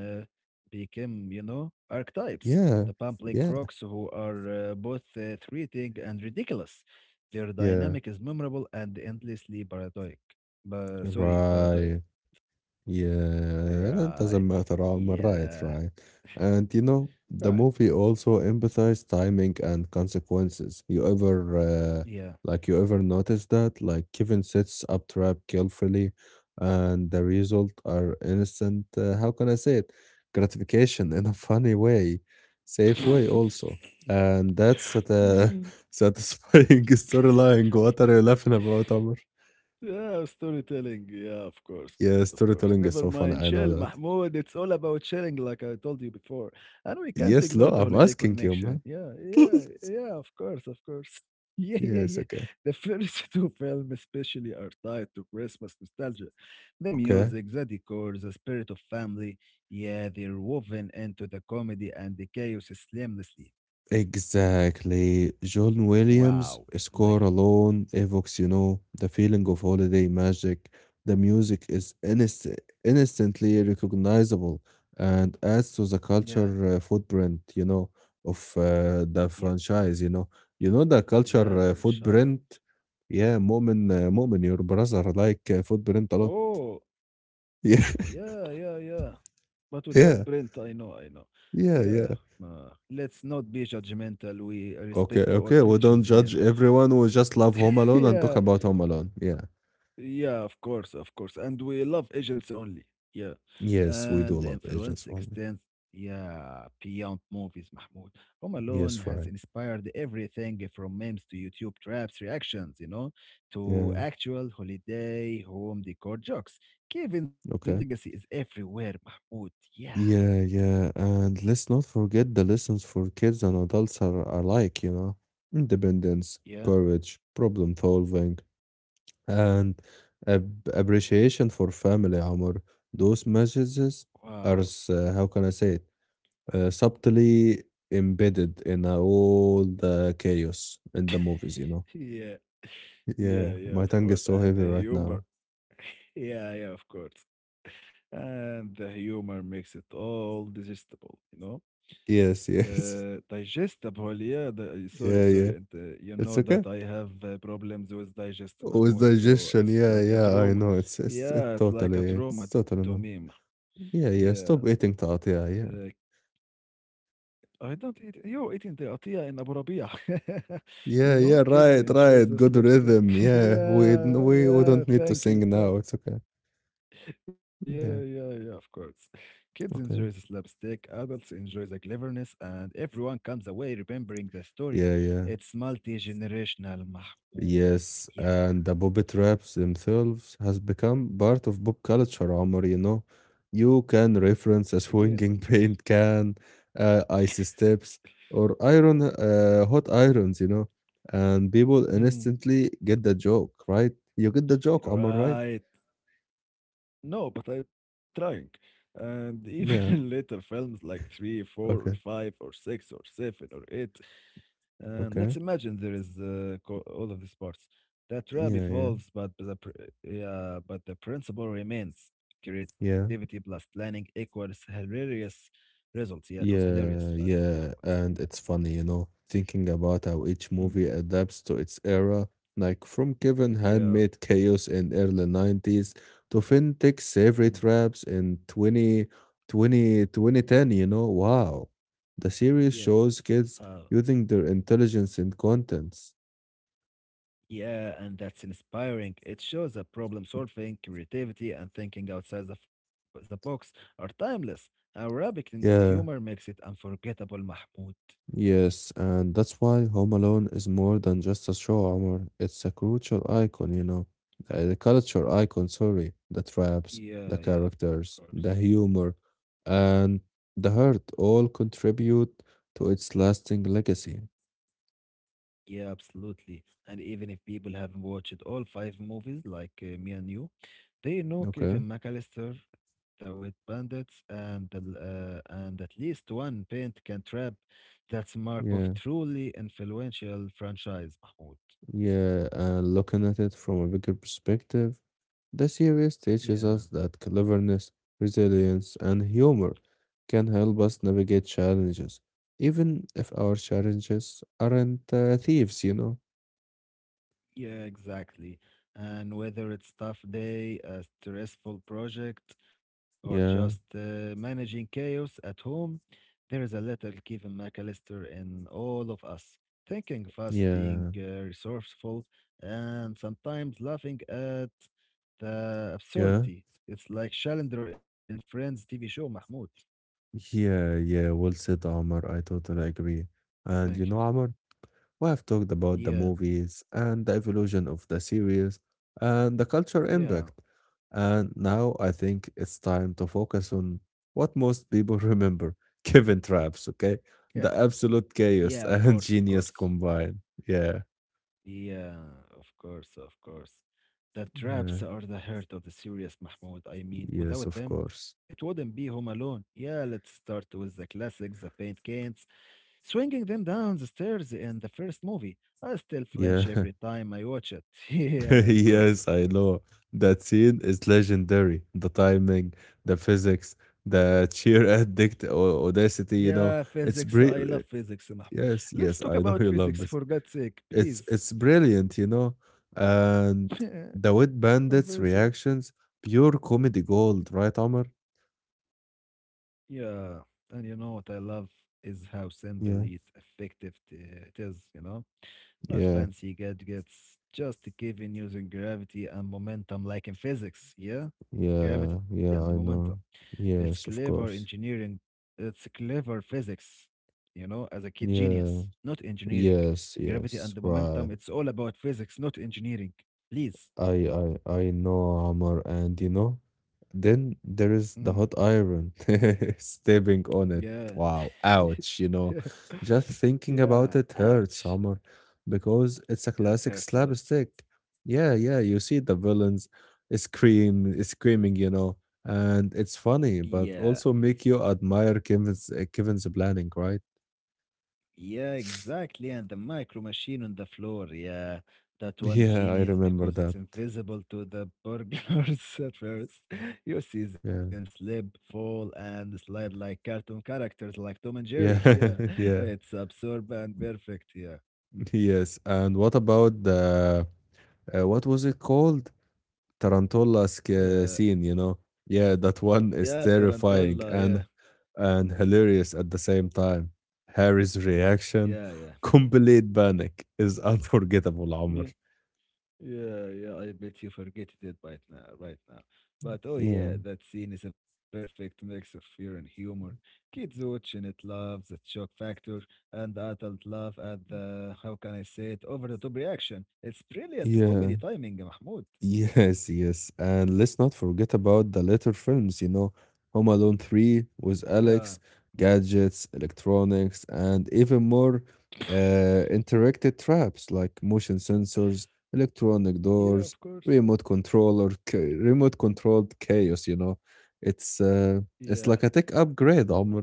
B: became you know archetypes,
A: yeah,
B: the public
A: yeah,
B: crocs who are both threatening and ridiculous. Their
A: yeah,
B: dynamic is memorable and endlessly paradoic. But sorry, paranoid.
A: right. Yeah, it
B: Right.
A: doesn't matter. I'm
B: Yeah.
A: right, right. And the
B: Right.
A: movie also emphasized timing and consequences.
B: Yeah.
A: Like, you ever notice that? Like, Kevin sets up trap carefully, and the result are instant. How can I say it? Gratification in a funny way, safe way also. And that's such a satisfying storyline. What are you laughing about, Omar?
B: Yeah, storytelling. Yeah, of course, of
A: Yeah,
B: course. Never
A: storytelling is so
B: mind.
A: funny.
B: Chill,
A: I know that.
B: Mahmoud. It's all about chilling, like I told you before. And we can't
A: Yes,
B: ignore the
A: no, I'm
B: holiday
A: asking you,
B: connection.
A: man.
B: Yeah, yeah, yeah, of course, of course. Yeah, yeah,
A: Yes,
B: yeah.
A: okay.
B: The first two films, especially, are tied to Christmas nostalgia. The
A: Okay.
B: music, the decor, the spirit of family. Yeah, they're woven into the comedy and the chaos seamlessly.
A: Exactly. John Williams'
B: Wow,
A: score
B: exactly.
A: alone evokes the feeling of holiday magic. The music is instantly recognizable and adds to the
B: Yeah,
A: culture footprint, of the
B: yeah,
A: franchise. You know the culture
B: yeah, franchise.
A: footprint? Yeah, Mu'min, your brother like footprint a lot.
B: Oh.
A: Yeah,
B: Yeah, yeah, yeah. But without
A: yeah,
B: Brent, I know, I know.
A: yeah,
B: Yeah.
A: yeah.
B: Let's not be judgmental. We
A: Okay,
B: respect our
A: okay. We don't
B: features here.
A: judge everyone. We just love Home Alone and talk
B: Yeah.
A: about Home Alone. Yeah.
B: Yeah, of course, of course. And we love agents only. Yeah.
A: Yes, we do
B: And the
A: love
B: influence
A: Agents Only.
B: extends, yeah, beyond movies, Mahmoud. Home Alone
A: Yes,
B: has
A: right.
B: inspired everything from memes to YouTube traps, reactions, you know, to
A: Yeah.
B: actual holiday home decor jokes. Kevin's legacy
A: Okay.
B: is everywhere, Mahmoud. Yeah.
A: Yeah, yeah. And let's not forget the lessons for kids and adults are alike. Independence,
B: Yeah.
A: courage, problem solving, and appreciation for family, Amor. Those messages
B: Wow.
A: are, how can I say it, subtly embedded in all the chaos in the movies.
B: Yeah. Yeah,
A: Yeah,
B: yeah,
A: my
B: of
A: tongue
B: course.
A: is so
B: And
A: heavy
B: the
A: right
B: humor.
A: now.
B: Yeah, yeah, of course. And the humor makes it all digestible, you know?
A: Yes, yes.
B: Digestible, yeah. The, sorry,
A: Yeah, yeah.
B: sorry. And you
A: It's
B: know
A: okay.
B: that I have problems with digest,
A: With
B: Mahmoud. So
A: digestion,
B: it's
A: yeah,
B: like a
A: yeah, I
B: trauma.
A: know. It's it's it
B: Yeah, it's like
A: totally
B: a trauma
A: it's
B: to
A: totally
B: me. Mah-
A: normal. Yeah,
B: Yeah.
A: yeah. Stop eating تقطيع,
B: Uh,
A: yeah.
B: I don't eat you're eating the atiyah in Abu Rabia. You
A: Yeah, yeah,
B: know,
A: yeah,
B: kids
A: right,
B: enjoy
A: right.
B: this
A: Good
B: lipstick.
A: rhythm. Yeah. We
B: Yeah,
A: we we
B: yeah,
A: don't need to
B: thank you,
A: sing now.
B: thank.
A: It's okay.
B: Yeah, yeah,
A: Yeah,
B: yeah, of course. Kids enjoy this
A: okay.
B: lipstick, adults enjoy the cleverness, and everyone comes away remembering the story.
A: Yeah, yeah.
B: It's multi-generational, Mahmoud.
A: Yes,
B: Yeah,
A: and the Bobbit raps themselves has become part of pop culture, Omar, you know. You can reference a
B: again,
A: swinging
B: because.
A: paint can, ice steps, or hot irons, and people
B: Mm,
A: instantly get the joke, right? You get the joke, Omar, right?
B: right. No, but I'm trying. And
A: Yeah,
B: even in later films like 3, 4,
A: okay,
B: or 5, or 6, or 7, or 8. And
A: okay.
B: let's imagine there is all of these parts. That rap
A: Yeah, yeah,
B: evolves, but the principle remains. Creativity
A: yeah.
B: plus planning equals hilarious results. Yeah, it was hilarious.
A: Yeah, yeah,
B: What?
A: and it's funny, thinking about how each
B: Mm.
A: movie adapts to its era, like from Kevin
B: Yeah.
A: Handmade Chaos in early 90s to FinTech's Favorite
B: Mm.
A: Raps in 20 20 2010. Wow. The
B: Yeah.
A: series shows kids
B: Uh,
A: using their intelligence in contents.
B: yeah, and that's inspiring. It shows that problem solving, creativity, and thinking outside the box are timeless. Arabic and humor
A: Yeah.
B: makes it unforgettable, Mahmoud.
A: Yes, and that's why Home Alone is more than just a show, Omar. It's a culture icon, you
B: Yeah.
A: know. The culture icon, sorry. The traps, the
B: Yeah, yeah, of
A: characters,
B: course.
A: the humor, and the heart all contribute to its lasting legacy.
B: Yeah, absolutely. And even if people haven't watched all five movies, like me and you, they know
A: Okay?
B: Kevin McAllister, the Wet Bandits, and at least one paint can trap. That's mark of
A: Yeah.
B: truly influential franchise, Mahmoud.
A: Yeah, and looking at it from a bigger perspective, the series teaches
B: Yeah.
A: us that cleverness, resilience, and humor can help us navigate challenges, even if our challenges aren't thieves, you know?
B: Yeah, exactly. And whether it's tough day, a stressful project, or just
A: Yeah,
B: managing chaos at home, there is a little Kevin McAllister in all of us. Thinking fast, being
A: yeah,
B: resourceful, and sometimes laughing at the
A: yeah,
B: absurdity. It's like Chandler in Friends TV show, Mahmoud.
A: yeah, yeah. Well said, Amar. I totally agree.
B: Thank you.
A: And Amar, we have talked about the
B: Yeah,
A: movies and the evolution of the series and the culture
B: yeah,
A: impact. And now I think it's time to focus on what most people remember Kevin Traps, okay?
B: yeah,
A: The absolute
B: yeah,
A: chaos
B: of course,
A: and
B: of
A: genius
B: course.
A: combined. Yeah,
B: Yeah, of course, of course. The
A: yeah,
B: traps are the heart of the series, Mahmoud. I mean,
A: yes,
B: without
A: of
B: them, it
A: course.
B: wouldn't be Home Alone. Yeah, let's start with the classics, the paint cans, swinging them down the stairs in the first movie. I still flinch
A: Yeah,
B: every time I watch it. Yeah, of course, of
A: yes, I
B: course.
A: know. That scene is legendary. The timing, the physics, the cheer addict audacity,
B: Yeah,
A: It's
B: physics. I
A: bri-
B: love physics, Mahmoud.
A: Yes,
B: Let's
A: yes,
B: talk
A: I know
B: about
A: you love
B: physics
A: this.
B: for God's sake,
A: It's
B: please.
A: it's brilliant, And the Wet Bandits
B: Converse it.
A: reactions, pure comedy gold, right, Omar?
B: Yeah, and you know what I love is how simple
A: Yeah,
B: yet effective it is, you know? Not
A: yeah,
B: fancy gadgets, just given using gravity and momentum like in physics, yeah? Gravity
A: yeah,
B: and the
A: yeah, I
B: momentum.
A: know.
B: It's
A: Yes,
B: clever
A: of course.
B: engineering, it's clever physics, you know, as a kid
A: Yeah,
B: genius, not engineering.
A: yes,
B: Gravity and
A: yes,
B: the
A: right.
B: momentum, it's all about physics, not engineering. Please.
A: I know Amar, and then there
B: Mm,
A: is the hot iron stepping on it.
B: yeah.
A: Wow, ouch. Just thinking
B: Yeah,
A: about it hurts,
B: ouch.
A: Amar, because it's a
B: Yeah, it
A: classic
B: hurts a lot.
A: slapstick. Yeah, yeah, you see the villains screaming, and it's funny,
B: Yeah,
A: but also make you admire Kevin's planning, right?
B: yeah, exactly. And the micro machine on the floor. Yeah, that one's
A: Yeah, I
B: genius
A: remember
B: because it's
A: that.
B: invisible to the burglars at first. You see them
A: Yeah.
B: slip, fall, and slide like cartoon characters like Tom and Jerry. Yeah,
A: Yeah. Yeah.
B: it's absurd and perfect. Yeah,
A: Yes. And what about the what was it called? Tarantula
B: uh,
A: scene, you know? Yeah, that one
B: yeah,
A: is
B: Tarantula.
A: terrifying
B: Yeah,
A: and hilarious at the same time. Harry's reaction,
B: yeah,
A: complete panic, is unforgettable, Omar.
B: yeah. Yeah, yeah, I bet you forget it right now, right now. But oh
A: Yeah,
B: yeah, that scene is a perfect mix of fear and humor. Kids watching it love the shock factor, and the adult laugh at the, how can I say it, over the top reaction. It's brilliant
A: yeah.
B: comedy timing, Mahmoud.
A: Yes, yes. And let's not forget about the later films, Home Alone 3 with
B: Yeah,
A: Alex, gadgets, electronics, and even more interactive traps like motion sensors, electronic
B: yeah,
A: doors,
B: of course.
A: remote controller, remote controlled chaos, It's uh,
B: Yeah.
A: it's like a tech upgrade, Omar.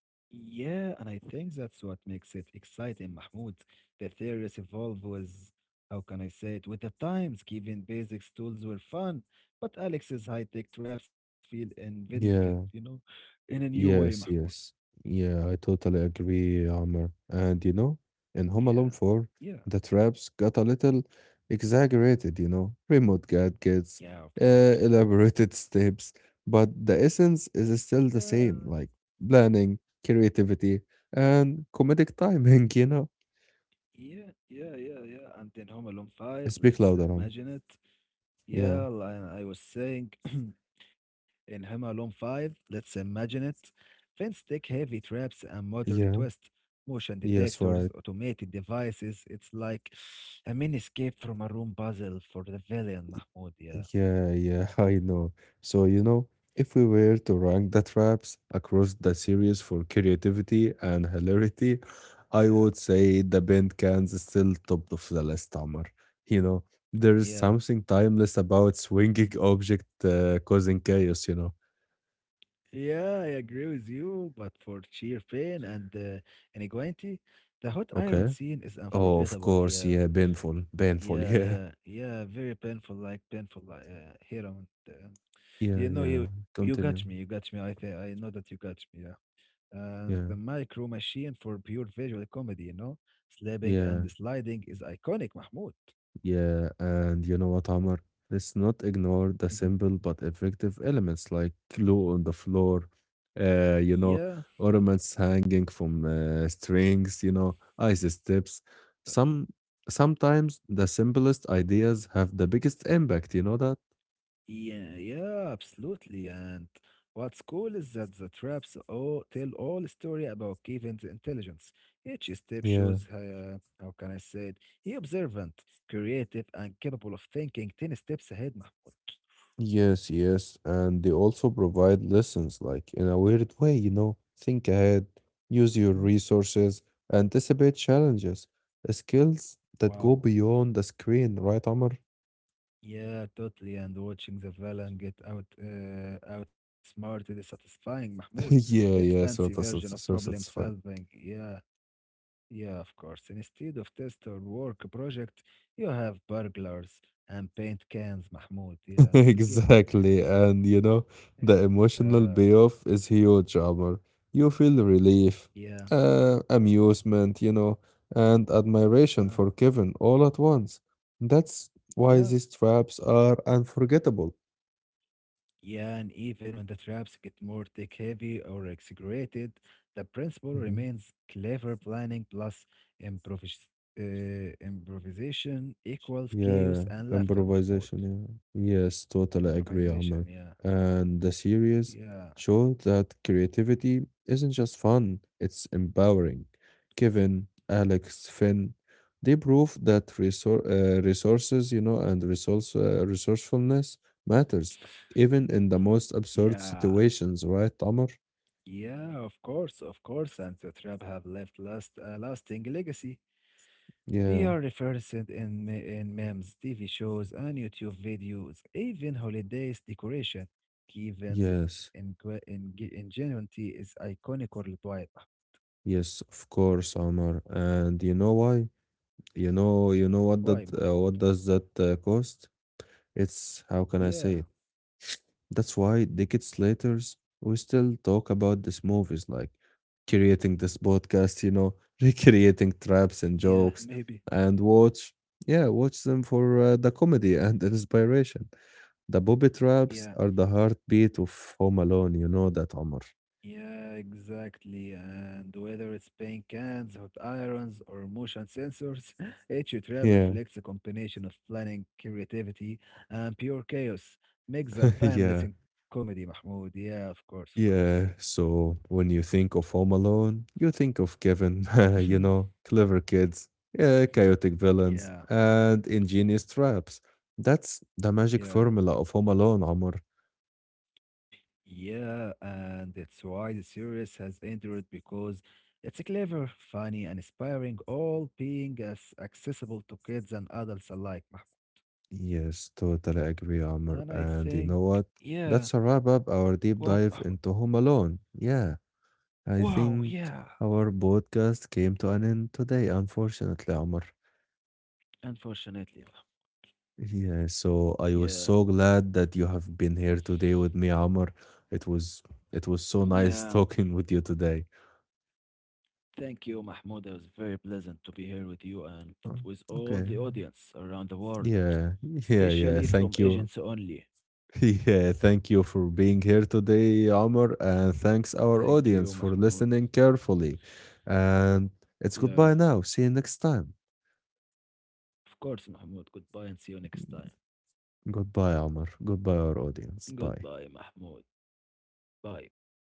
B: Yeah, and I think that's what makes it exciting, Mahmoud. The theories evolve with, how can I say it, with the times, given basic tools were fun, but Alex's high-tech traps feel inventive, you
A: Yeah.
B: know, in a new way,
A: Yes,
B: Mahmoud.
A: yes. Yeah, I totally agree, Amr. And in Home
B: Yeah,
A: Alone 4,
B: yeah,
A: the traps got a little exaggerated, remote gadgets,
B: yeah, of
A: uh,
B: course.
A: elaborated steps, but the essence is still
B: Yeah,
A: the same, like planning, creativity, and comedic timing,
B: yeah, yeah, yeah, yeah. And then Home Alone 5,
A: Speak
B: let's
A: louder, Amr.
B: imagine it.
A: Yeah,
B: Yeah, li- I was saying. In Home Alone 5, let's imagine it. Fence tech heavy traps and modern
A: yeah,
B: twist. Motion
A: yes,
B: detectors,
A: right.
B: automated devices. It's like a mini escape from a room puzzle for the villain, Mahmoud. Yeah.
A: Yeah, yeah, I know. So, if we were to rank the traps across the series for creativity and hilarity, I
B: Yeah.
A: would say the bent cans is still top of the list, Amar. You know, there is something
B: Yeah.
A: timeless about swinging object causing chaos,
B: Yeah, I agree with you, but for sheer pain and inequality, the hot iron
A: Okay.
B: scene is
A: Oh, of
B: unforgettable.
A: course,
B: Yeah.
A: yeah, painful, painful,
B: Yeah,
A: yeah.
B: yeah, yeah. Very painful, like here. I want,
A: Yeah,
B: you know,
A: yeah.
B: you got me, you
A: Continue.
B: got me. I think I know that you got me. Yeah. And the
A: Yeah,
B: micro machine for pure visual comedy, you know? Slapping and
A: yeah.
B: sliding is iconic, Mahmoud.
A: Yeah, and you know what, Amar? Let's not ignore the
B: Mhm.
A: simple but effective elements like glue on the floor, uh, you know,
B: Yeah,
A: ornaments hanging from strings, ice steps.
B: uh,
A: Some sometimes the simplest ideas have the biggest impact, you know that?
B: yeah, yeah, absolutely. And what's cool is that the traps all tell all the story about Kevin's intelligence. Each step
A: Yeah.
B: shows, how can I say it? He observant, creative, and capable of thinking 10 steps ahead, Mahmoud.
A: Yes, yes, and they also provide lessons, like in a weird way, think ahead, use
B: Mhm.
A: your resources, anticipate challenges, skills that go
B: Wow.
A: beyond the screen, right, Amr?
B: Yeah, totally. And watching the villain get outsmarted is satisfying, Mahmoud. It's
A: Yeah,
B: fancy
A: yeah, so,
B: version
A: that's
B: of
A: so
B: problem
A: satisfying.
B: solving. Yeah, yeah, of course. Instead of test or work project, you have burglars and paint cans, Mahmoud. Yeah, again, paint
A: Exactly.
B: cans.
A: And the
B: Yeah,
A: emotional payoff is huge, Amr. You feel relief,
B: yeah,
A: amusement, and admiration
B: uh,
A: for Kevin all at once. That's why
B: yeah.
A: these traps are unforgettable.
B: Yeah, and even when the traps get more tech heavy or exaggerated, the principle remains clever planning plus improvis improvisation equals
A: Yeah,
B: chaos and laughter, Mahmoud.
A: improvisation. Yeah. Yes, totally agree,
B: Improvisation,
A: Amr.
B: yeah,
A: And the series
B: yeah,
A: showed that creativity isn't just fun, it's empowering. Kevin, Alex, Finn, they prove that resor resources, and resourcefulness matters, even in the most absurd
B: yeah,
A: situations, right, Amr?
B: yeah, of course, of course. And the trap have left last a lasting legacy. They
A: Yeah,
B: are referenced in, in memes, TV shows, and YouTube videos, even holidays decoration. Key events in,
A: yes,
B: que- in, ge- in is iconic or Dwight.
A: yes, of course, Amr. And you know why?
B: Why,
A: What
B: Mahmoud?
A: does that cost? It's how can I say it?
B: Yeah,
A: That's why decades later we still talk about these movies, like creating this podcast, recreating traps and
B: yeah,
A: jokes,
B: maybe.
A: and yeah, watch them for the comedy and the inspiration. The booby traps
B: Yeah,
A: are the heartbeat of Home Alone. You know that, Omar.
B: yeah, exactly. And whether it's paint cans, hot irons, or motion sensors, each trap
A: Yeah,
B: reflects a combination of planning, creativity, and pure chaos. Makes a timeless
A: yeah.
B: in comedy, Mahmoud. Yeah, of course, of course.
A: Yeah, so when you think of Home Alone, you think of Kevin, clever kids, yeah,
B: Mhm.
A: chaotic villains,
B: Yeah,
A: and ingenious traps. That's the magic
B: yeah,
A: formula of Home Alone, Amr.
B: yeah, and that's why the series has endured because it's clever, funny, and inspiring, all being as accessible to kids and adults alike. Mahmoud.
A: Yes, totally agree, Amr.
B: And I
A: And you
B: think,
A: know what?
B: yeah,
A: That's a wrap up our
B: what,
A: deep
B: Mahmoud?
A: dive into Home Alone. Yeah, I
B: Wow,
A: think
B: yeah,
A: our podcast came to an end today, unfortunately, Amr.
B: unfortunately, Mahmoud.
A: Yeah, so I was
B: Yeah,
A: so glad that you have been here today with me, Amr. It was it was so
B: yeah.
A: nice talking with you today.
B: Thank you, Mahmoud. It was very pleasant to be here with you and
A: Oh,
B: with all
A: okay.
B: the audience around the world,
A: Yeah. Yeah, yeah.
B: especially from
A: Thank you.
B: Agents Only.
A: Yeah, thank you for being here today, Amr, and thanks
B: Thank
A: our
B: you,
A: audience for
B: Mahmoud.
A: listening carefully. And it's
B: Yeah,
A: goodbye now. See you next time.
B: of course, Mahmoud. Goodbye and see you next time.
A: Goodbye, Amr. Goodbye, our audience. Bye.
B: Goodbye, Mahmoud. Bye, bye, bye.